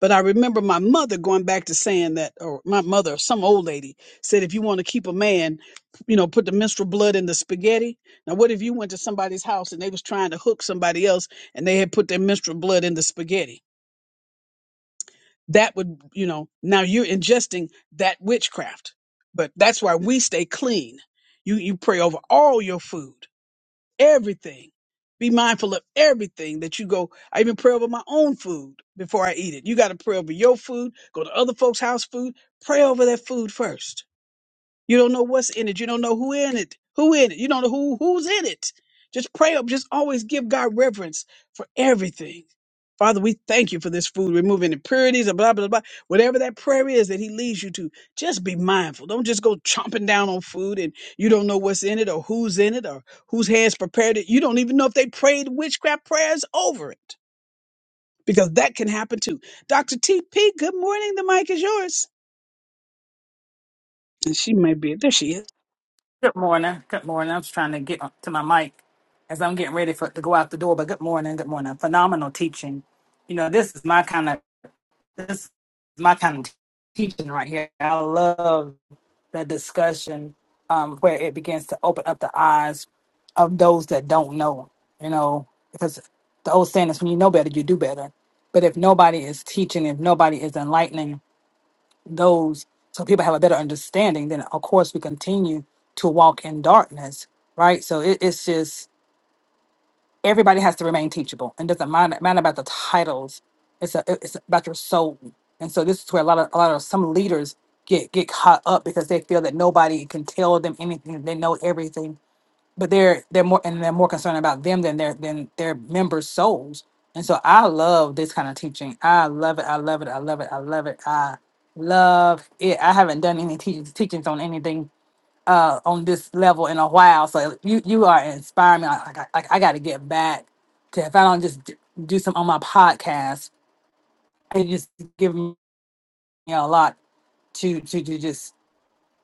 Speaker 1: But I remember my mother going back to saying that, or my mother, some old lady said, if you want to keep a man, you know, put the menstrual blood in the spaghetti. Now, what if you went to somebody's house and they was trying to hook somebody else and they had put their menstrual blood in the spaghetti? That would, you know, now you're ingesting that witchcraft. But that's why we stay clean. You, you pray over all your food everything. Be mindful of everything that you go. I even pray over my own food before I eat it. You got to pray over your food, go to other folks' house food, pray over their food first. You don't know what's in it. You don't know who in it. Who in it? You don't know who who's in it. Just pray up. Just always give God reverence for everything. Father, we thank you for this food, removing impurities and blah, blah, blah. Whatever that prayer is that he leads you to, just be mindful. Don't just go chomping down on food and you don't know what's in it or who's in it or whose hands prepared it. You don't even know if they prayed witchcraft prayers over it because that can happen too. Dr. TP, good morning. The mic is yours. And she may be, there she is.
Speaker 5: Good morning. Good morning. I'm just trying to get to my mic as I'm getting ready for to go out the door. But good morning. Good morning. Phenomenal teaching. You know, this is my kind of this is my kind of teaching right here. I love the discussion um, where it begins to open up the eyes of those that don't know. You know, because the old saying is, when you know better, you do better. But if nobody is teaching, if nobody is enlightening, those so people have a better understanding, then of course we continue to walk in darkness, right? So it, it's just everybody has to remain teachable and doesn't matter, matter about the titles. It's a, it's about your soul. And so this is where a lot of a lot of some leaders get get caught up because they feel that nobody can tell them anything. They know everything but they're they're more and they're more concerned about them than their than their members' souls. And so I love this kind of teaching. I love it. I love it. I love it. I love it. I love it. I haven't done any teachings teachings on anything uh on this level in a while. So you you are inspiring me. Like like I, like I got to get back to if I don't just d- do some on my podcast, it just give me a lot to to do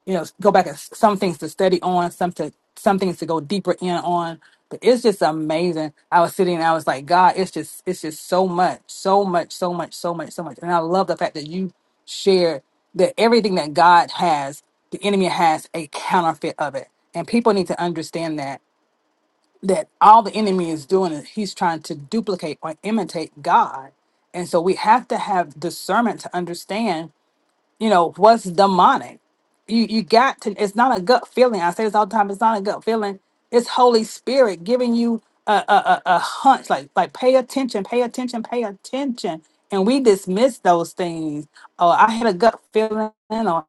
Speaker 5: you know go back and s- some things to study on some to some things to go deeper in on but it's just amazing i was sitting and i was like god it's just it's just so much so much so much so much so much and i love the fact that you shared that everything that god has the enemy has a counterfeit of it and people need to understand that that all the enemy is doing is he's trying to duplicate or imitate god and so we have to have discernment to understand you know what's demonic you you got to it's not a gut feeling i say this all the time it's not a gut feeling it's holy spirit giving you a a, a, a hunch like like pay attention pay attention pay attention and we dismiss those things oh i had a gut feeling or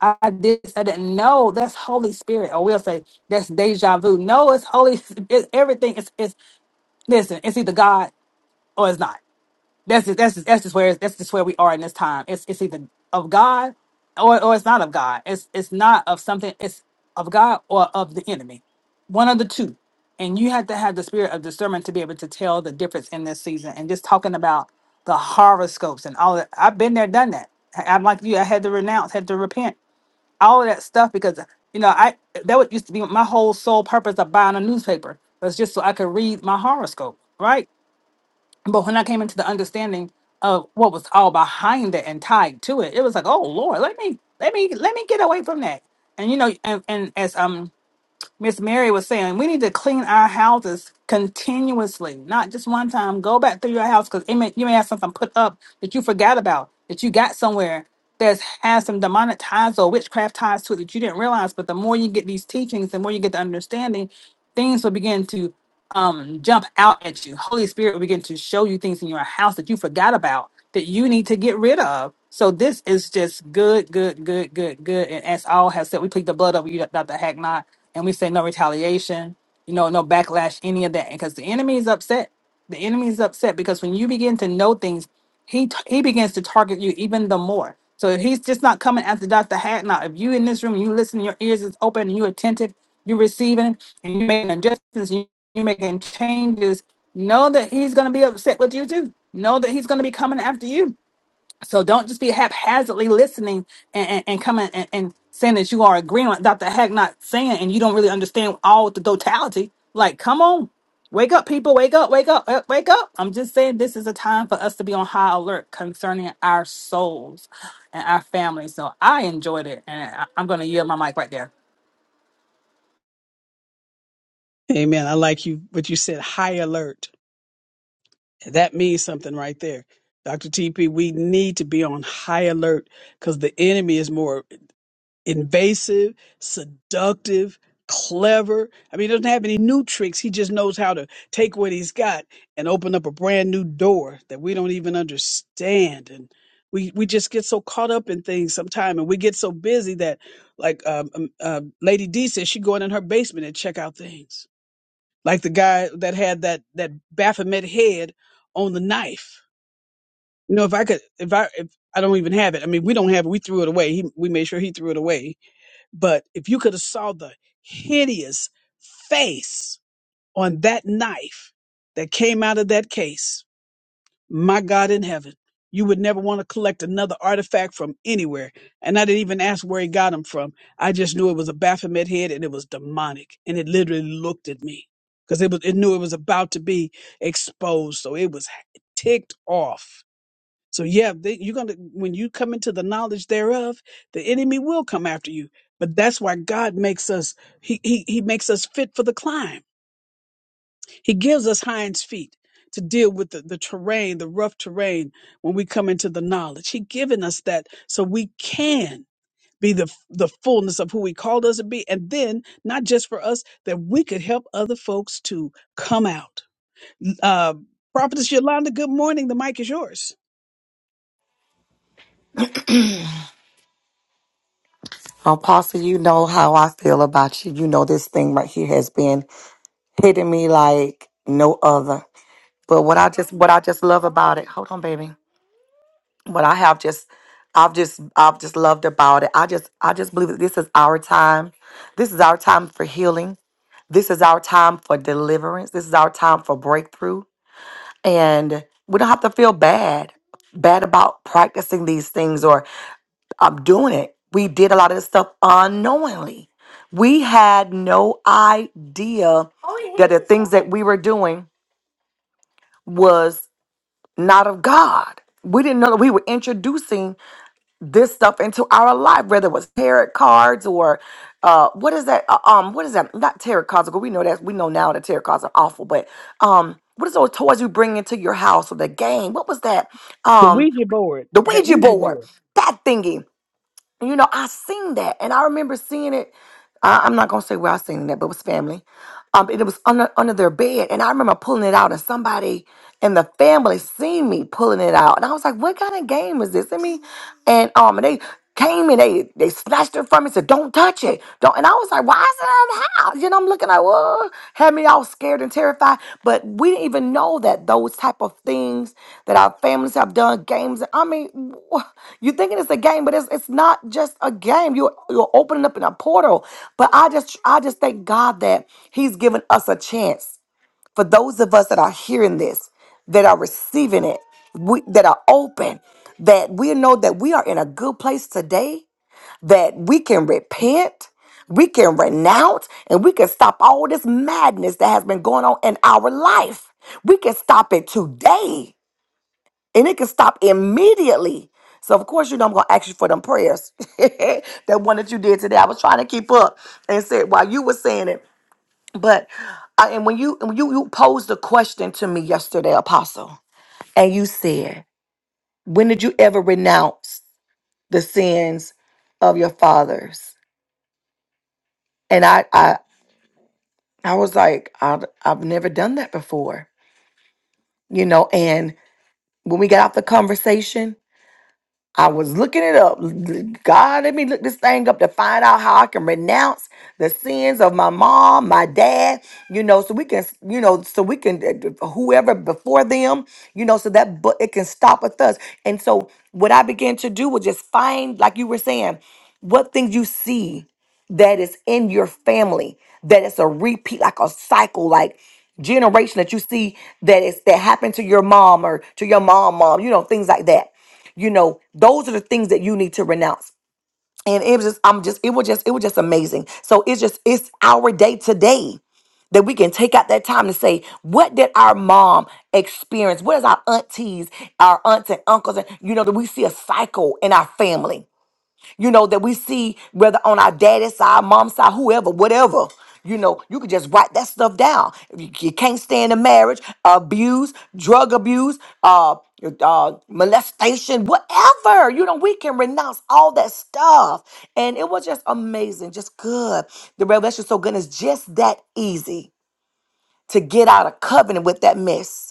Speaker 5: i did this, i didn't know that's holy spirit or we'll say that's deja vu no it's holy it's everything it's it's listen it's either god or it's not that's just, that's just, that's just where that's just where we are in this time. It's it's either of God or or it's not of God. It's it's not of something. It's of God or of the enemy. One of the two. And you have to have the spirit of discernment to be able to tell the difference in this season. And just talking about the horoscopes and all that. I've been there, done that. I- I'm like you. I had to renounce, had to repent, all of that stuff because you know I that would used to be my whole sole purpose of buying a newspaper was just so I could read my horoscope, right? But when I came into the understanding of what was all behind it and tied to it, it was like, oh Lord, let me let me let me get away from that. And you know, and, and as um Miss Mary was saying, we need to clean our houses continuously, not just one time. Go back through your house because may, you may have something put up that you forgot about that you got somewhere that's has some demonic ties or witchcraft ties to it that you didn't realize. But the more you get these teachings, the more you get the understanding, things will begin to um, jump out at you. Holy Spirit will begin to show you things in your house that you forgot about that you need to get rid of. So this is just good, good, good, good, good. And as all have said, we plead the blood over you, Dr. Hacknot, and we say no retaliation, you know, no backlash, any of that. Because the enemy is upset. The enemy is upset because when you begin to know things he t- he begins to target you even the more. So he's just not coming after Dr. Hadnot. If you in this room, you listen, your ears is open, and you attentive, you receiving, and you making adjustments, you you making changes. Know that he's gonna be upset with you too. Know that he's gonna be coming after you so don't just be haphazardly listening and, and, and coming and, and saying that you are agreeing with Dr. Hack not saying and you don't really understand all the totality. Like, come on. Wake up, people. Wake up, wake up, uh, wake up. I'm just saying this is a time for us to be on high alert concerning our souls and our families. So I enjoyed it. And I, I'm going to yield my mic right there.
Speaker 1: Amen. I like you what you said, high alert. That means something right there. Dr. TP, we need to be on high alert because the enemy is more invasive, seductive, clever. I mean, he doesn't have any new tricks. He just knows how to take what he's got and open up a brand new door that we don't even understand. And we, we just get so caught up in things sometime and we get so busy that like um, um, uh, Lady D says she go in her basement and check out things like the guy that had that that Baphomet head on the knife. You know, if I could, if I, if I don't even have it. I mean, we don't have it. We threw it away. He, we made sure he threw it away. But if you could have saw the hideous face on that knife that came out of that case, my God in heaven. You would never want to collect another artifact from anywhere. And I didn't even ask where he got them from. I just knew it was a Baphomet head and it was demonic. And it literally looked at me because it, was it knew it was about to be exposed. So it was ticked off. So yeah, they, you're gonna when you come into the knowledge thereof, the enemy will come after you. But that's why God makes us he he, he makes us fit for the climb he gives us hinds feet to deal with the, the terrain, the rough terrain when we come into the knowledge. He given us that so we can be the the fullness of who he called us to be and then not just for us that we could help other folks to come out. Uh Prophetess Yolanda, good morning. The mic is yours.
Speaker 6: Apostle, you know how I feel about you. You know this thing right here has been hitting me like no other. But what I just what I just love about it, hold on, baby. What I have just I've just I've just loved about it. I just I just believe that this is our time. This is our time for healing. This is our time for deliverance. This is our time for breakthrough. And we don't have to feel bad bad about practicing these things or. I'm doing it. We did a lot of this stuff unknowingly. We had no idea that the things that we were doing was not of God. We didn't know that we were introducing this stuff into our life, whether it was tarot cards or uh, what is that? Uh, um, what is that? Not tarot cards. because We know that we know now that tarot cards are awful, but um, what is those toys you bring into your house or the game? What was that?
Speaker 1: The
Speaker 6: Um,
Speaker 1: Ouija board,
Speaker 6: the
Speaker 1: that
Speaker 6: Ouija
Speaker 1: Ouija
Speaker 6: board,
Speaker 1: board.
Speaker 6: that thingy You know, I seen that, and I remember seeing it. I, I'm not gonna say where I seen that, but it was family. Um, and it was under under their bed, and I remember pulling it out, and somebody in the family seen me pulling it out, and I was like, "What kind of game is this?" I mean. And um, and they came and they they snatched it from me. Said, "Don't touch it, don't." And I was like, "Why is it in the house?" You know, I'm looking like, "Whoa!" Had me all scared and terrified. But we didn't even know that those type of things that our families have done, games. I mean, wh- you thinking it's a game, but it's it's not just a game. You you're you're opening up in a portal. But I just I just thank God that He's given us a chance for those of us that are hearing this, that are receiving it, we, that are open, that we know that we are in a good place today, that we can repent, we can renounce, and we can stop all this madness that has been going on in our life. We can stop it today, and it can stop immediately. So of course, you know I'm gonna ask you for them prayers. that one that you did today, I was trying to keep up and said while you were saying it. But I, and when you when you you posed a question to me yesterday, Apostle, and you said, "When did you ever renounce the sins of your fathers?" And I I I was like, I've, I've never done that before, you know. And when we got off the conversation, I was looking it up. God, let me look this thing up to find out how I can renounce the sins of my mom, my dad, you know, so we can, you know, so we can, uh, whoever before them, you know, so that but it can stop with us. And so what I began to do was just find, like you were saying, what things you see that is in your family, that it's a repeat, like a cycle, like generation that you see that is that happened to your mom or to your mom, mom, you know, things like that you know, those are the things that you need to renounce. And it was just, I'm just, it was just, it was just amazing. So it's just, it's our day today that we can take out that time to say, what did our mom experience? What is our aunties, our aunts and uncles? And, you know, that we see a cycle in our family you know, that we see whether on our daddy's side, mom's side, whoever, whatever. You know, you can just write that stuff down. If You you can't stand a marriage, abuse, drug abuse, uh, uh, molestation, whatever. You know, we can renounce all that stuff. And it was just amazing, just good. The revelation so good. It's just that easy to get out of covenant with that mess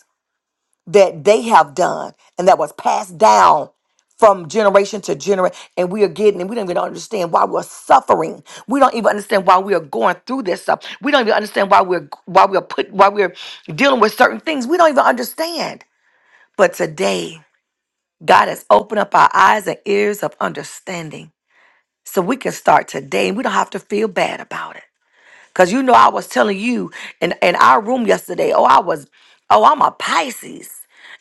Speaker 6: that they have done and that was passed down from generation to generation and we are getting and we don't even understand why we're suffering we don't even understand why we are going through this stuff we don't even understand why we're why we're put why we're dealing with certain things we don't even understand but today god has opened up our eyes and ears of understanding so we can start today and we don't have to feel bad about it Cause you know I was telling you in, in our room yesterday, oh, I was, oh, I'm a Pisces.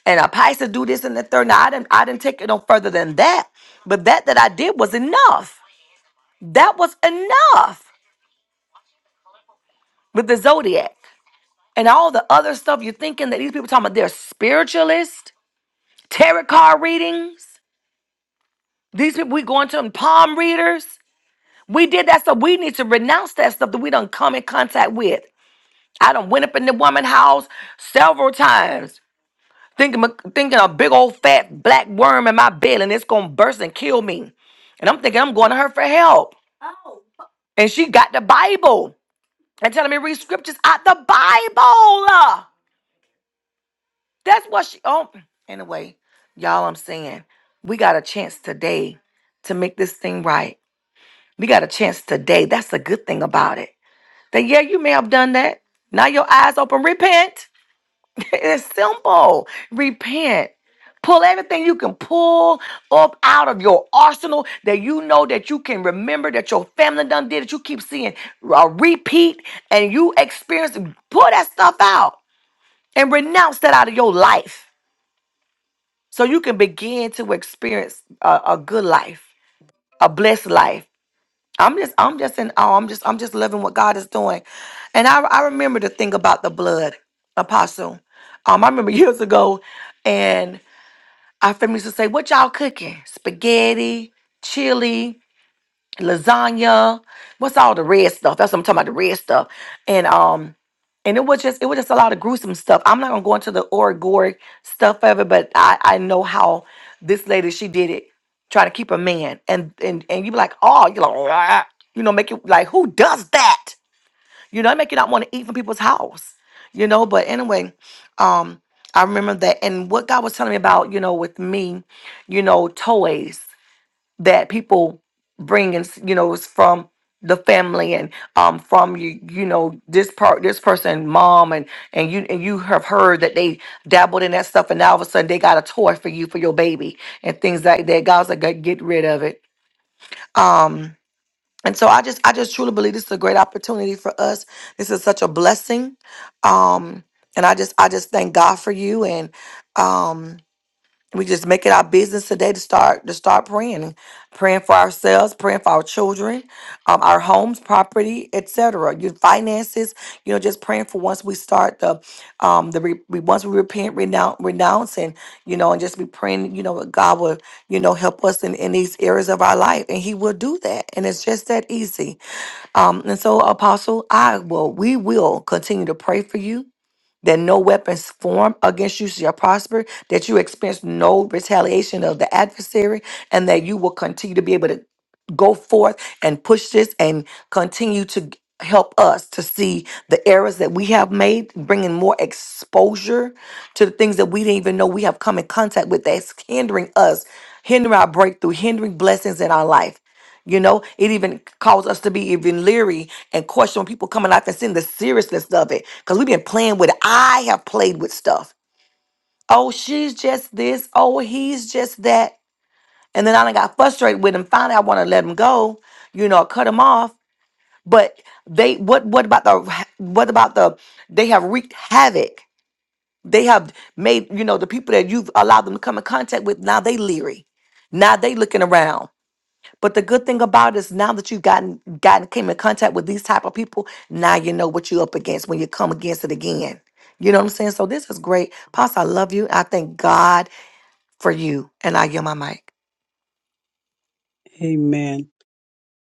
Speaker 6: And a Pisces do this and the third. Now I didn't I didn't take it no further than that. But that that I did was enough. That was enough with the Zodiac. And all the other stuff you're thinking that these people talking about they're spiritualists, tarot card readings. These people we going to them palm readers. We did that stuff. We need to renounce that stuff that we don't come in contact with. I done went up in the woman house several times thinking, thinking a big old fat black worm in my bed and it's gonna burst and kill me. And I'm thinking I'm going to her for help. And she got the Bible and telling me to read scriptures out the Bible. That's what she oh anyway, y'all I'm saying we got a chance today to make this thing right. We got a chance today. That's the good thing about it. That yeah, you may have done that. Now your eyes open, repent. It's simple. Repent. Pull everything you can pull up out of your arsenal that you know that you can remember that your family done did that you keep seeing uh, repeat and you experience. Pull that stuff out and renounce that out of your life so you can begin to experience a, a good life, a blessed life. I'm just, I'm just in awe. I'm just, I'm just loving what God is doing. And I, I remember the thing about the blood, Apostle. Um, I remember years ago, and Our family used to say, What y'all cooking? Spaghetti, chili, lasagna. What's all the red stuff? That's what I'm talking about, the red stuff. And um, and it was just it was just a lot of gruesome stuff. I'm not gonna go into the orgoric stuff of it, but I, I know how this lady she did it, trying to keep a man. And and and you be like, oh, you like, "Rah." you know, make it like who does that? You know, it make you not want to eat from people's house. You know, but anyway, um, I remember that and what God was telling me about, you know, with me, you know, toys that people bring and s- you know, it's from the family and um from you you know this part this person mom and and you and you have heard that they dabbled in that stuff and now all of a sudden they got a toy for you for your baby and things like that god's like "Get get rid of it um and so I just I just truly believe this is a great opportunity for us. This is such a blessing. Um and I just I just thank God for you and um we just make it our business today to start to start praying praying for ourselves praying for our children um, our homes property etc your finances you know just praying for once we start the um the re- we once we repent renounce renouncing you know and just be praying you know that god will you know help us in, in these areas of our life and he will do that and it's just that easy um and so apostle i will we will continue to pray for you that no weapons formed against you shall prosper, that you experience no retaliation of the adversary, and that you will continue to be able to go forth and push this and continue to g- help us to see the errors that we have made, bringing more exposure to the things that we didn't even know we have come in contact with that's hindering us, hindering our breakthrough, hindering blessings in our life. You know, it even caused us to be even leery and question when people come in life and seeing the seriousness of it because we've been playing with, I have played with stuff. Oh, she's just this. Oh, he's just that. And then I done got frustrated with him. Finally, I want to let him go, you know, cut him off. But they, what, what about the, what about the, they have wreaked havoc. They have made, you know, the people that you've allowed them to come in contact with, now they leery. Now they looking around. But the good thing about it is now that you've gotten gotten came in contact with these type of people, now you know what you're up against when you come against it again. You know what I'm saying? So this is great. Pastor, I love you. I thank God for you. And I give my mic.
Speaker 1: Amen.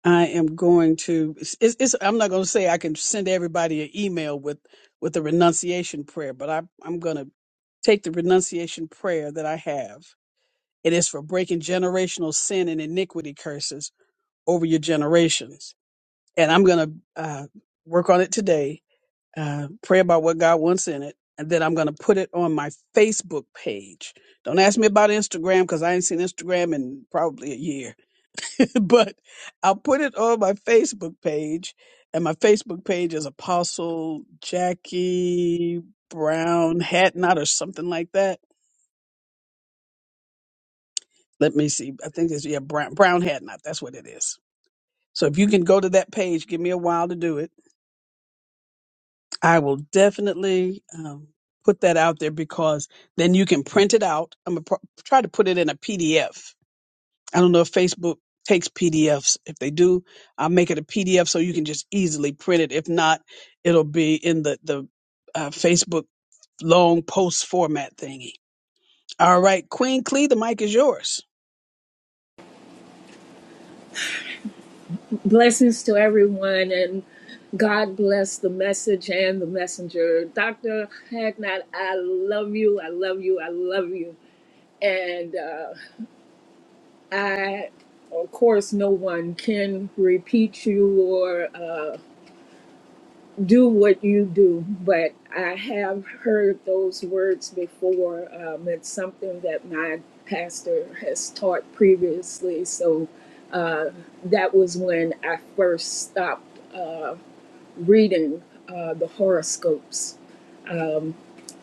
Speaker 1: I am going to. It's, it's, it's- I'm not going to say I can send everybody an email with with the renunciation prayer, but I, I'm going to take the renunciation prayer that I have. It is for breaking generational sin and iniquity curses over your generations, and I'm going to uh, work on it today. Uh, pray about what God wants in it, and then I'm going to put it on my Facebook page. Don't ask me about Instagram because I ain't seen Instagram in probably a year but I'll put it on my Facebook page. And my Facebook page is Apostle Jackie Brown Hatnot or something like that. Let me see. I think it's, yeah, Brown, Brown Hatnot. That's what it is. So if you can go to that page, give me a while to do it. I will definitely um, put that out there because then you can print it out. I'm going to pr- try to put it in a PDF I don't know if Facebook takes PDFs. If they do, I'll make it a PDF so you can just easily print it. If not, it'll be in the the uh, Facebook long post format thingy. All right, Queen Clee, the mic is yours.
Speaker 7: Blessings to everyone, and God bless the message and the messenger. Dr. Hagnat, I love you. I love you. I love you. And uh, I, of course, no one can repeat you or uh, do what you do, but I have heard those words before. Um, it's something that my pastor has taught previously. So uh, that was when I first stopped. Uh, reading uh, the horoscopes.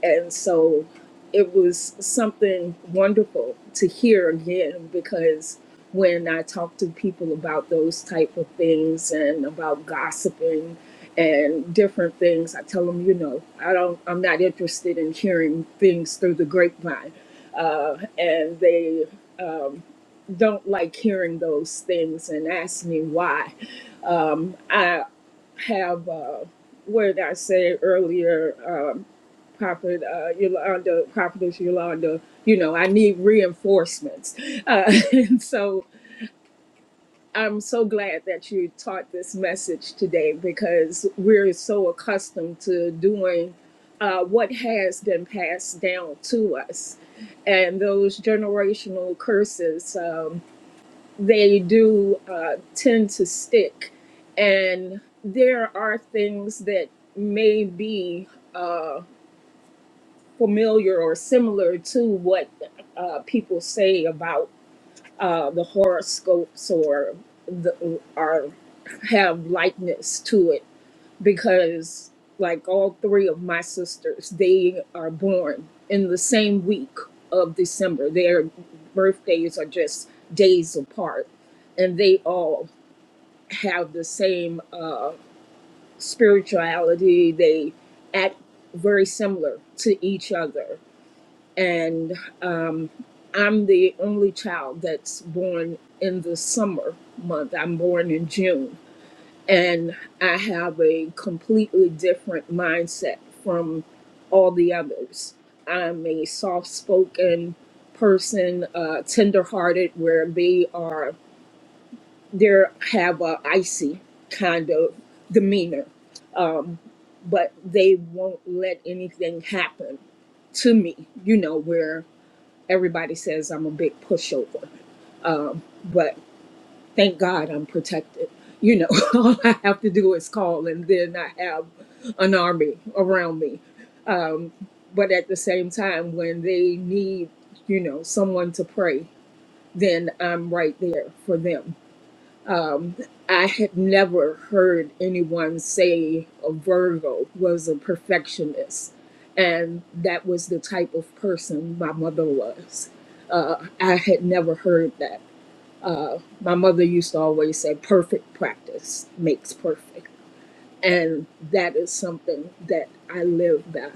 Speaker 7: And so it was something wonderful to hear again because when I talk to people about those type of things and about gossiping and different things, I tell them, you know, I don't, I'm not interested in hearing things through the grapevine. Uh, and they don't like hearing those things and ask me why. Um, I have, uh, what did I say earlier, um, Prophet uh, Yolanda, Prophetess Yolanda, you know, I need reinforcements. Uh, and so I'm so glad that you taught this message today because we're so accustomed to doing uh, what has been passed down to us. And those generational curses. Um, they do uh, tend to stick. And there are things that may be uh, familiar or similar to what uh, people say about uh, the horoscopes or the, or have likeness to it because like all three of my sisters they are born in the same week of december their birthdays are just days apart and they all have the same uh, spirituality. They act very similar to each other. And um, I'm the only child that's born in the summer month. I'm born in June. And I have a completely different mindset from all the others. I'm a soft spoken person, uh, tender hearted, where they are they have a icy kind of demeanor, um, but they won't let anything happen to me. You know where everybody says I'm a big pushover, um, but thank God I'm protected. You know, all I have to do is call, and then I have an army around me. Um, but at the same time, when they need, you know, someone to pray, then I'm right there for them um, I had never heard anyone say a Virgo was a perfectionist. And that was the type of person my mother was. Uh, I had never heard that. Uh, my mother used to always say, perfect practice makes perfect. And that is something that I live by.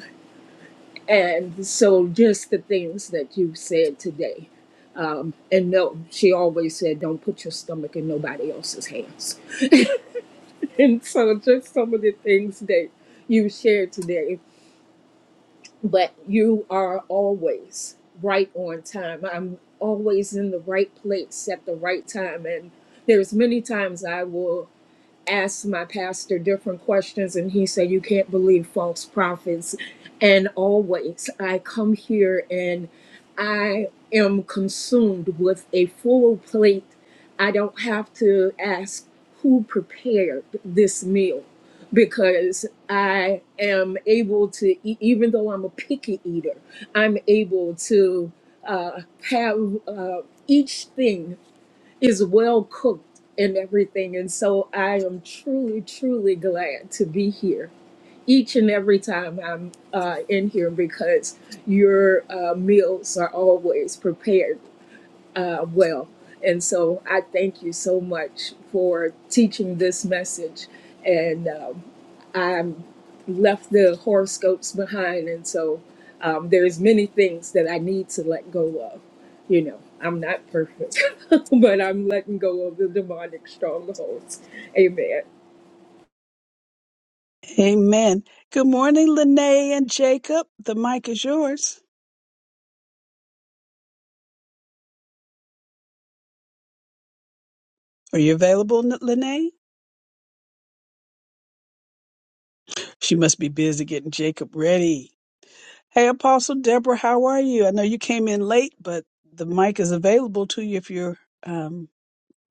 Speaker 7: And so, just the things that you said today. Um, and no, she always said, don't put your stomach in nobody else's hands and so just some of the things that you shared today but you are always right on time i'm always in the right place at the right time and there's many times i will asked my pastor different questions, and he said, You can't believe false prophets. And always, I come here and I am consumed with a full plate. I don't have to ask who prepared this meal because I am able to, e- even though I'm a picky eater, I'm able to uh, have uh, each thing is well cooked and everything. And so I am truly, truly glad to be here each and every time I'm uh, in here because your uh, meals are always prepared uh, well. And so I thank you so much for teaching this message. and. um, I left the horoscopes behind, and so um, there's many things that I need to let go of. You know, I'm not perfect, but I'm letting go of the demonic strongholds. Amen.
Speaker 1: Amen. Good morning, Lene and Jacob. The mic is yours. Are you available, N- Lene? She must be busy getting Jacob ready. Hey, Apostle Deborah, how are you? I know you came in late, but the mic is available to you if you're um,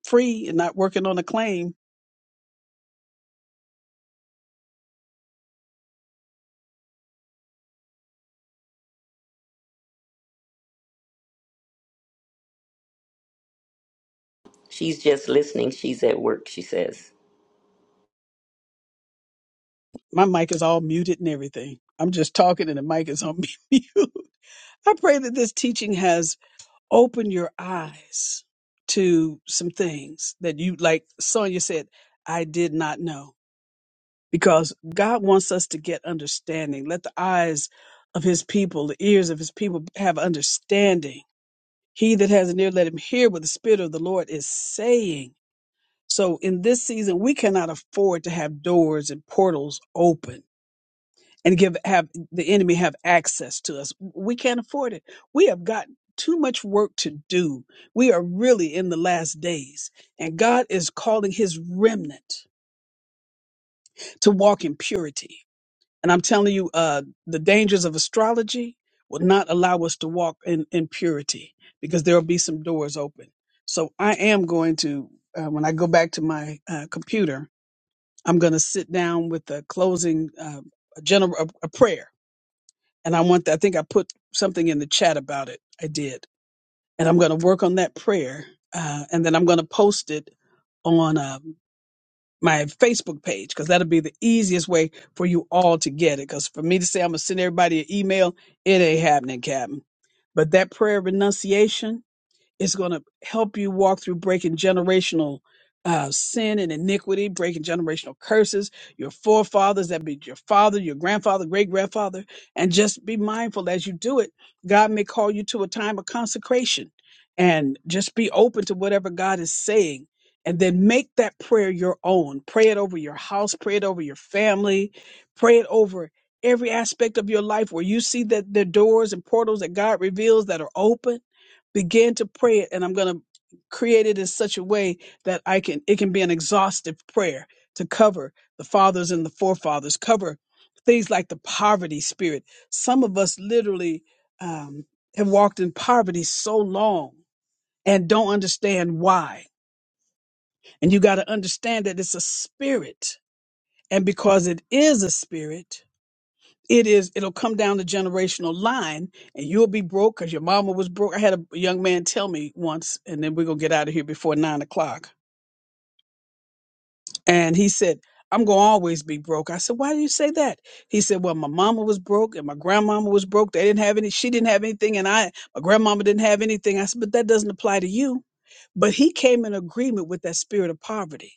Speaker 1: free and not working on a claim.
Speaker 4: She's just listening. She's at work, she says.
Speaker 1: My mic is all muted and everything. I'm just talking and the mic is on mute. I pray that this teaching has opened your eyes to some things that you, like Sonia said, I did not know. because God wants us to get understanding. Let the eyes of his people, the ears of his people have understanding. He that has an ear, let him hear what the Spirit of the Lord is saying. So in this season, we cannot afford to have doors and portals open and give have the enemy have access to us. We can't afford it. We have got too much work to do. We are really in the last days, and God is calling his remnant to walk in purity. And I'm telling you, uh, the dangers of astrology will not allow us to walk in, in purity because there will be some doors open. So I am going to, uh, when I go back to my uh, computer, I'm going to sit down with a closing, uh, a general, a, a prayer. And I want, I think I put something in the chat about it. I did. And I'm going to work on that prayer. Uh, and then I'm going to post it on uh, my Facebook page because that'll be the easiest way for you all to get it. Because for me to say I'm gonna send everybody an email, it ain't happening, Captain. But that prayer of renunciation, it's going to help you walk through breaking generational uh, sin and iniquity, breaking generational curses, your forefathers, that be your father, your grandfather, great grandfather, and just be mindful as you do it. God may call you to a time of consecration and just be open to whatever God is saying. And then make that prayer your own. Pray it over your house, pray it over your family, pray it over every aspect of your life where you see that the doors and portals that God reveals that are open begin to pray it and i'm going to create it in such a way that i can it can be an exhaustive prayer to cover the fathers and the forefathers cover things like the poverty spirit some of us literally um, have walked in poverty so long and don't understand why and you got to understand that it's a spirit and because it is a spirit it is it'll come down the generational line and you'll be broke because your mama was broke i had a young man tell me once and then we're gonna get out of here before nine o'clock and he said i'm gonna always be broke i said why do you say that he said well my mama was broke and my grandmama was broke they didn't have any she didn't have anything and i my grandmama didn't have anything i said but that doesn't apply to you but he came in agreement with that spirit of poverty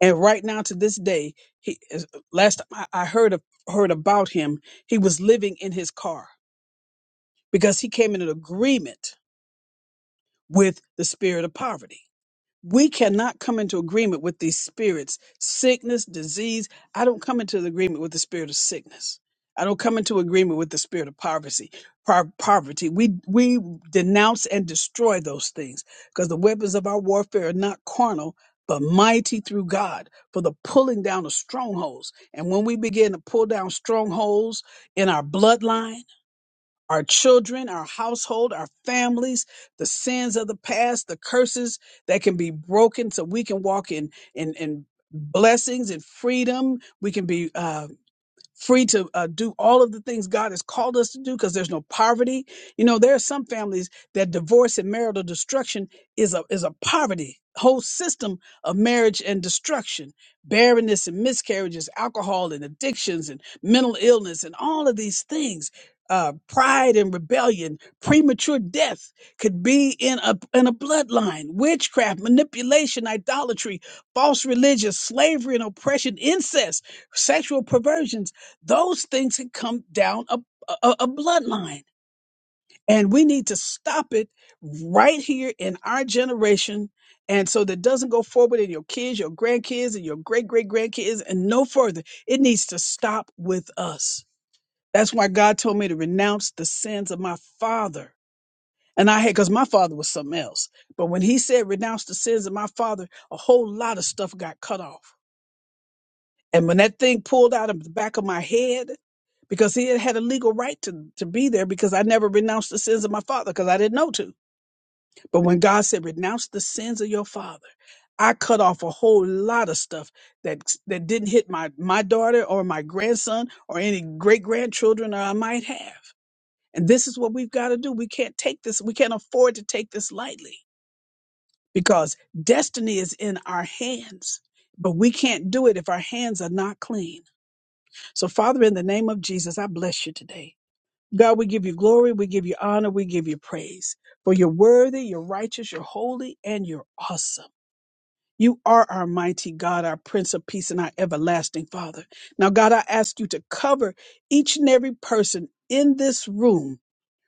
Speaker 1: and right now to this day he is- last time i I heard of, heard about him he was living in his car because he came into agreement with the spirit of poverty. We cannot come into agreement with these spirits, sickness, disease. I don't come into agreement with the spirit of sickness. I don't come into agreement with the spirit of poverty. Par- poverty. We we denounce and destroy those things because the weapons of our warfare are not carnal, but mighty through God for the pulling down of strongholds. And when we begin to pull down strongholds in our bloodline our children, our household, our families, the sins of the past, the curses that can be broken so we can walk in in in blessings and freedom. We can be uh, free to uh, do all of the things God has called us to do because there's no poverty. You know, there are some families that divorce and marital destruction is a is a poverty whole system of marriage and destruction, barrenness and miscarriages, alcohol and addictions and mental illness and all of these things. Uh, pride and rebellion, premature death could be in a in a bloodline, witchcraft, manipulation, idolatry, false religion, slavery and oppression, incest, sexual perversions those things can come down a, a, a bloodline and we need to stop it right here in our generation and so that it doesn't go forward in your kids your grandkids and your great great grandkids and no further it needs to stop with us that's why god told me to renounce the sins of my father and i had because my father was something else but when he said renounce the sins of my father a whole lot of stuff got cut off And when that thing pulled out of the back of my head, because he had had a legal right to, to be there because I never renounced the sins of my father because I didn't know to. But when God said, renounce the sins of your father, I cut off a whole lot of stuff that that didn't hit my, my daughter or my grandson or any great grandchildren that I might have. And this is what we've got to do. We can't take this, we can't afford to take this lightly because destiny is in our hands, but we can't do it if our hands are not clean. So, Father, in the name of Jesus, I bless you today. God, we give you glory, we give you honor, we give you praise. For you're worthy, you're righteous, you're holy, and you're awesome. You are our mighty God, our Prince of Peace, and our everlasting Father. Now, God, I ask you to cover each and every person in this room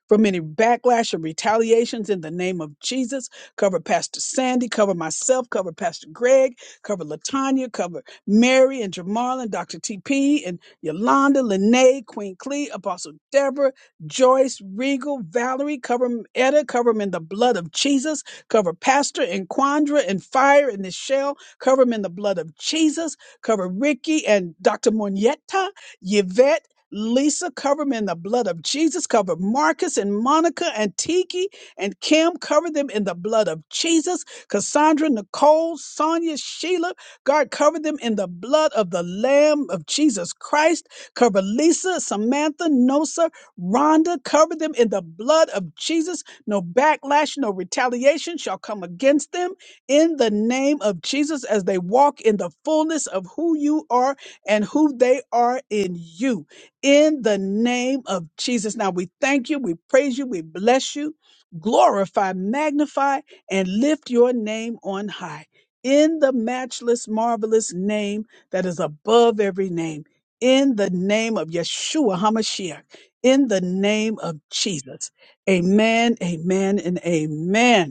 Speaker 1: from any backlash or retaliations in the name of Jesus. Cover Pastor Sandy, cover myself, cover Pastor Greg, cover Latanya, cover Mary and Jamal and Dr. TP and Yolanda, Lene, Queen Clee, Apostle Deborah, Joyce, Regal, Valerie, cover 'em, Etta, cover them in the blood of Jesus, cover Pastor and Quandra and Fire and Nichelle, cover them in the blood of Jesus, cover Ricky and Dr. Monietta, Yvette. Lisa, cover them in the blood of Jesus. Cover Marcus and Monica and Tiki and Kim. Cover them in the blood of Jesus. Cassandra, Nicole, Sonia, Sheila. God, cover them in the blood of the Lamb of Jesus Christ. Cover Lisa, Samantha, Nosa, Rhonda. Cover them in the blood of Jesus. No backlash, no retaliation shall come against them in the name of Jesus as they walk in the fullness of who you are and who they are in you in the name of Jesus. Now we thank you, we praise you, we bless you, glorify, magnify, and lift your name on high. In the matchless, marvelous name that is above every name, in the name of Yeshua HaMashiach, in the name of Jesus. Amen, amen, and amen.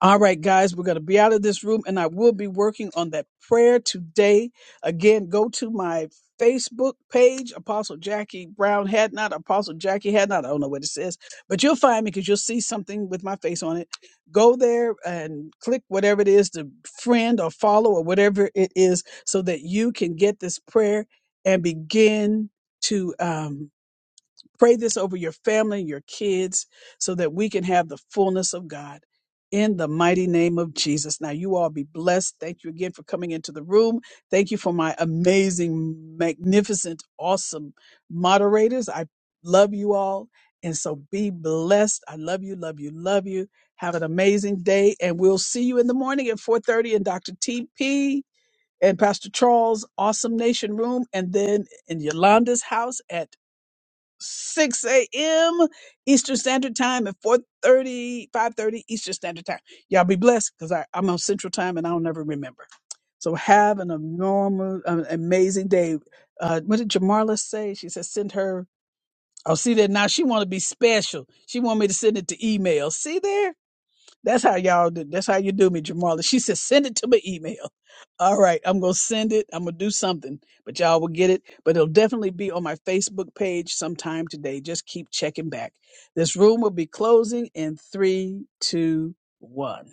Speaker 1: All right, guys, we're going to be out of this room and I will be working on that prayer today. Again, go to my Facebook page, Apostle Jackie Brown Hadnot, Apostle Jackie Hadnot. I don't know what it says, but you'll find me because you'll see something with my face on it. Go there and click whatever it is to friend or follow or whatever it is so that you can get this prayer and begin to. Um, Pray this over your family, your kids, so that we can have the fullness of God. In the mighty name of Jesus. Now, you all be blessed. Thank you again for coming into the room. Thank you for my amazing, magnificent, awesome moderators. I love you all. And so be blessed. I love you, love you, love you. Have an amazing day. And we'll see you in the morning at 4.30 in Dr. TP and Pastor Charles' Awesome Nation Room. And then in Yolanda's house at 6 a.m. Eastern Standard Time and 4.30, 5.30 Eastern Standard Time. Y'all be blessed because I'm on Central Time and I'll never remember. So have an enormous, an amazing day. Uh, what did Jamarla say? She said, send her. Oh, see that now she want to be special. She want me to send it to email. See there? That's how y'all do. That's how you do me, Jamala. She said, send it to my email. All right, I'm gonna send it. I'm gonna do something, but y'all will get it. But it'll definitely be on my Facebook page sometime today. Just keep checking back. This room will be closing in three, two, one.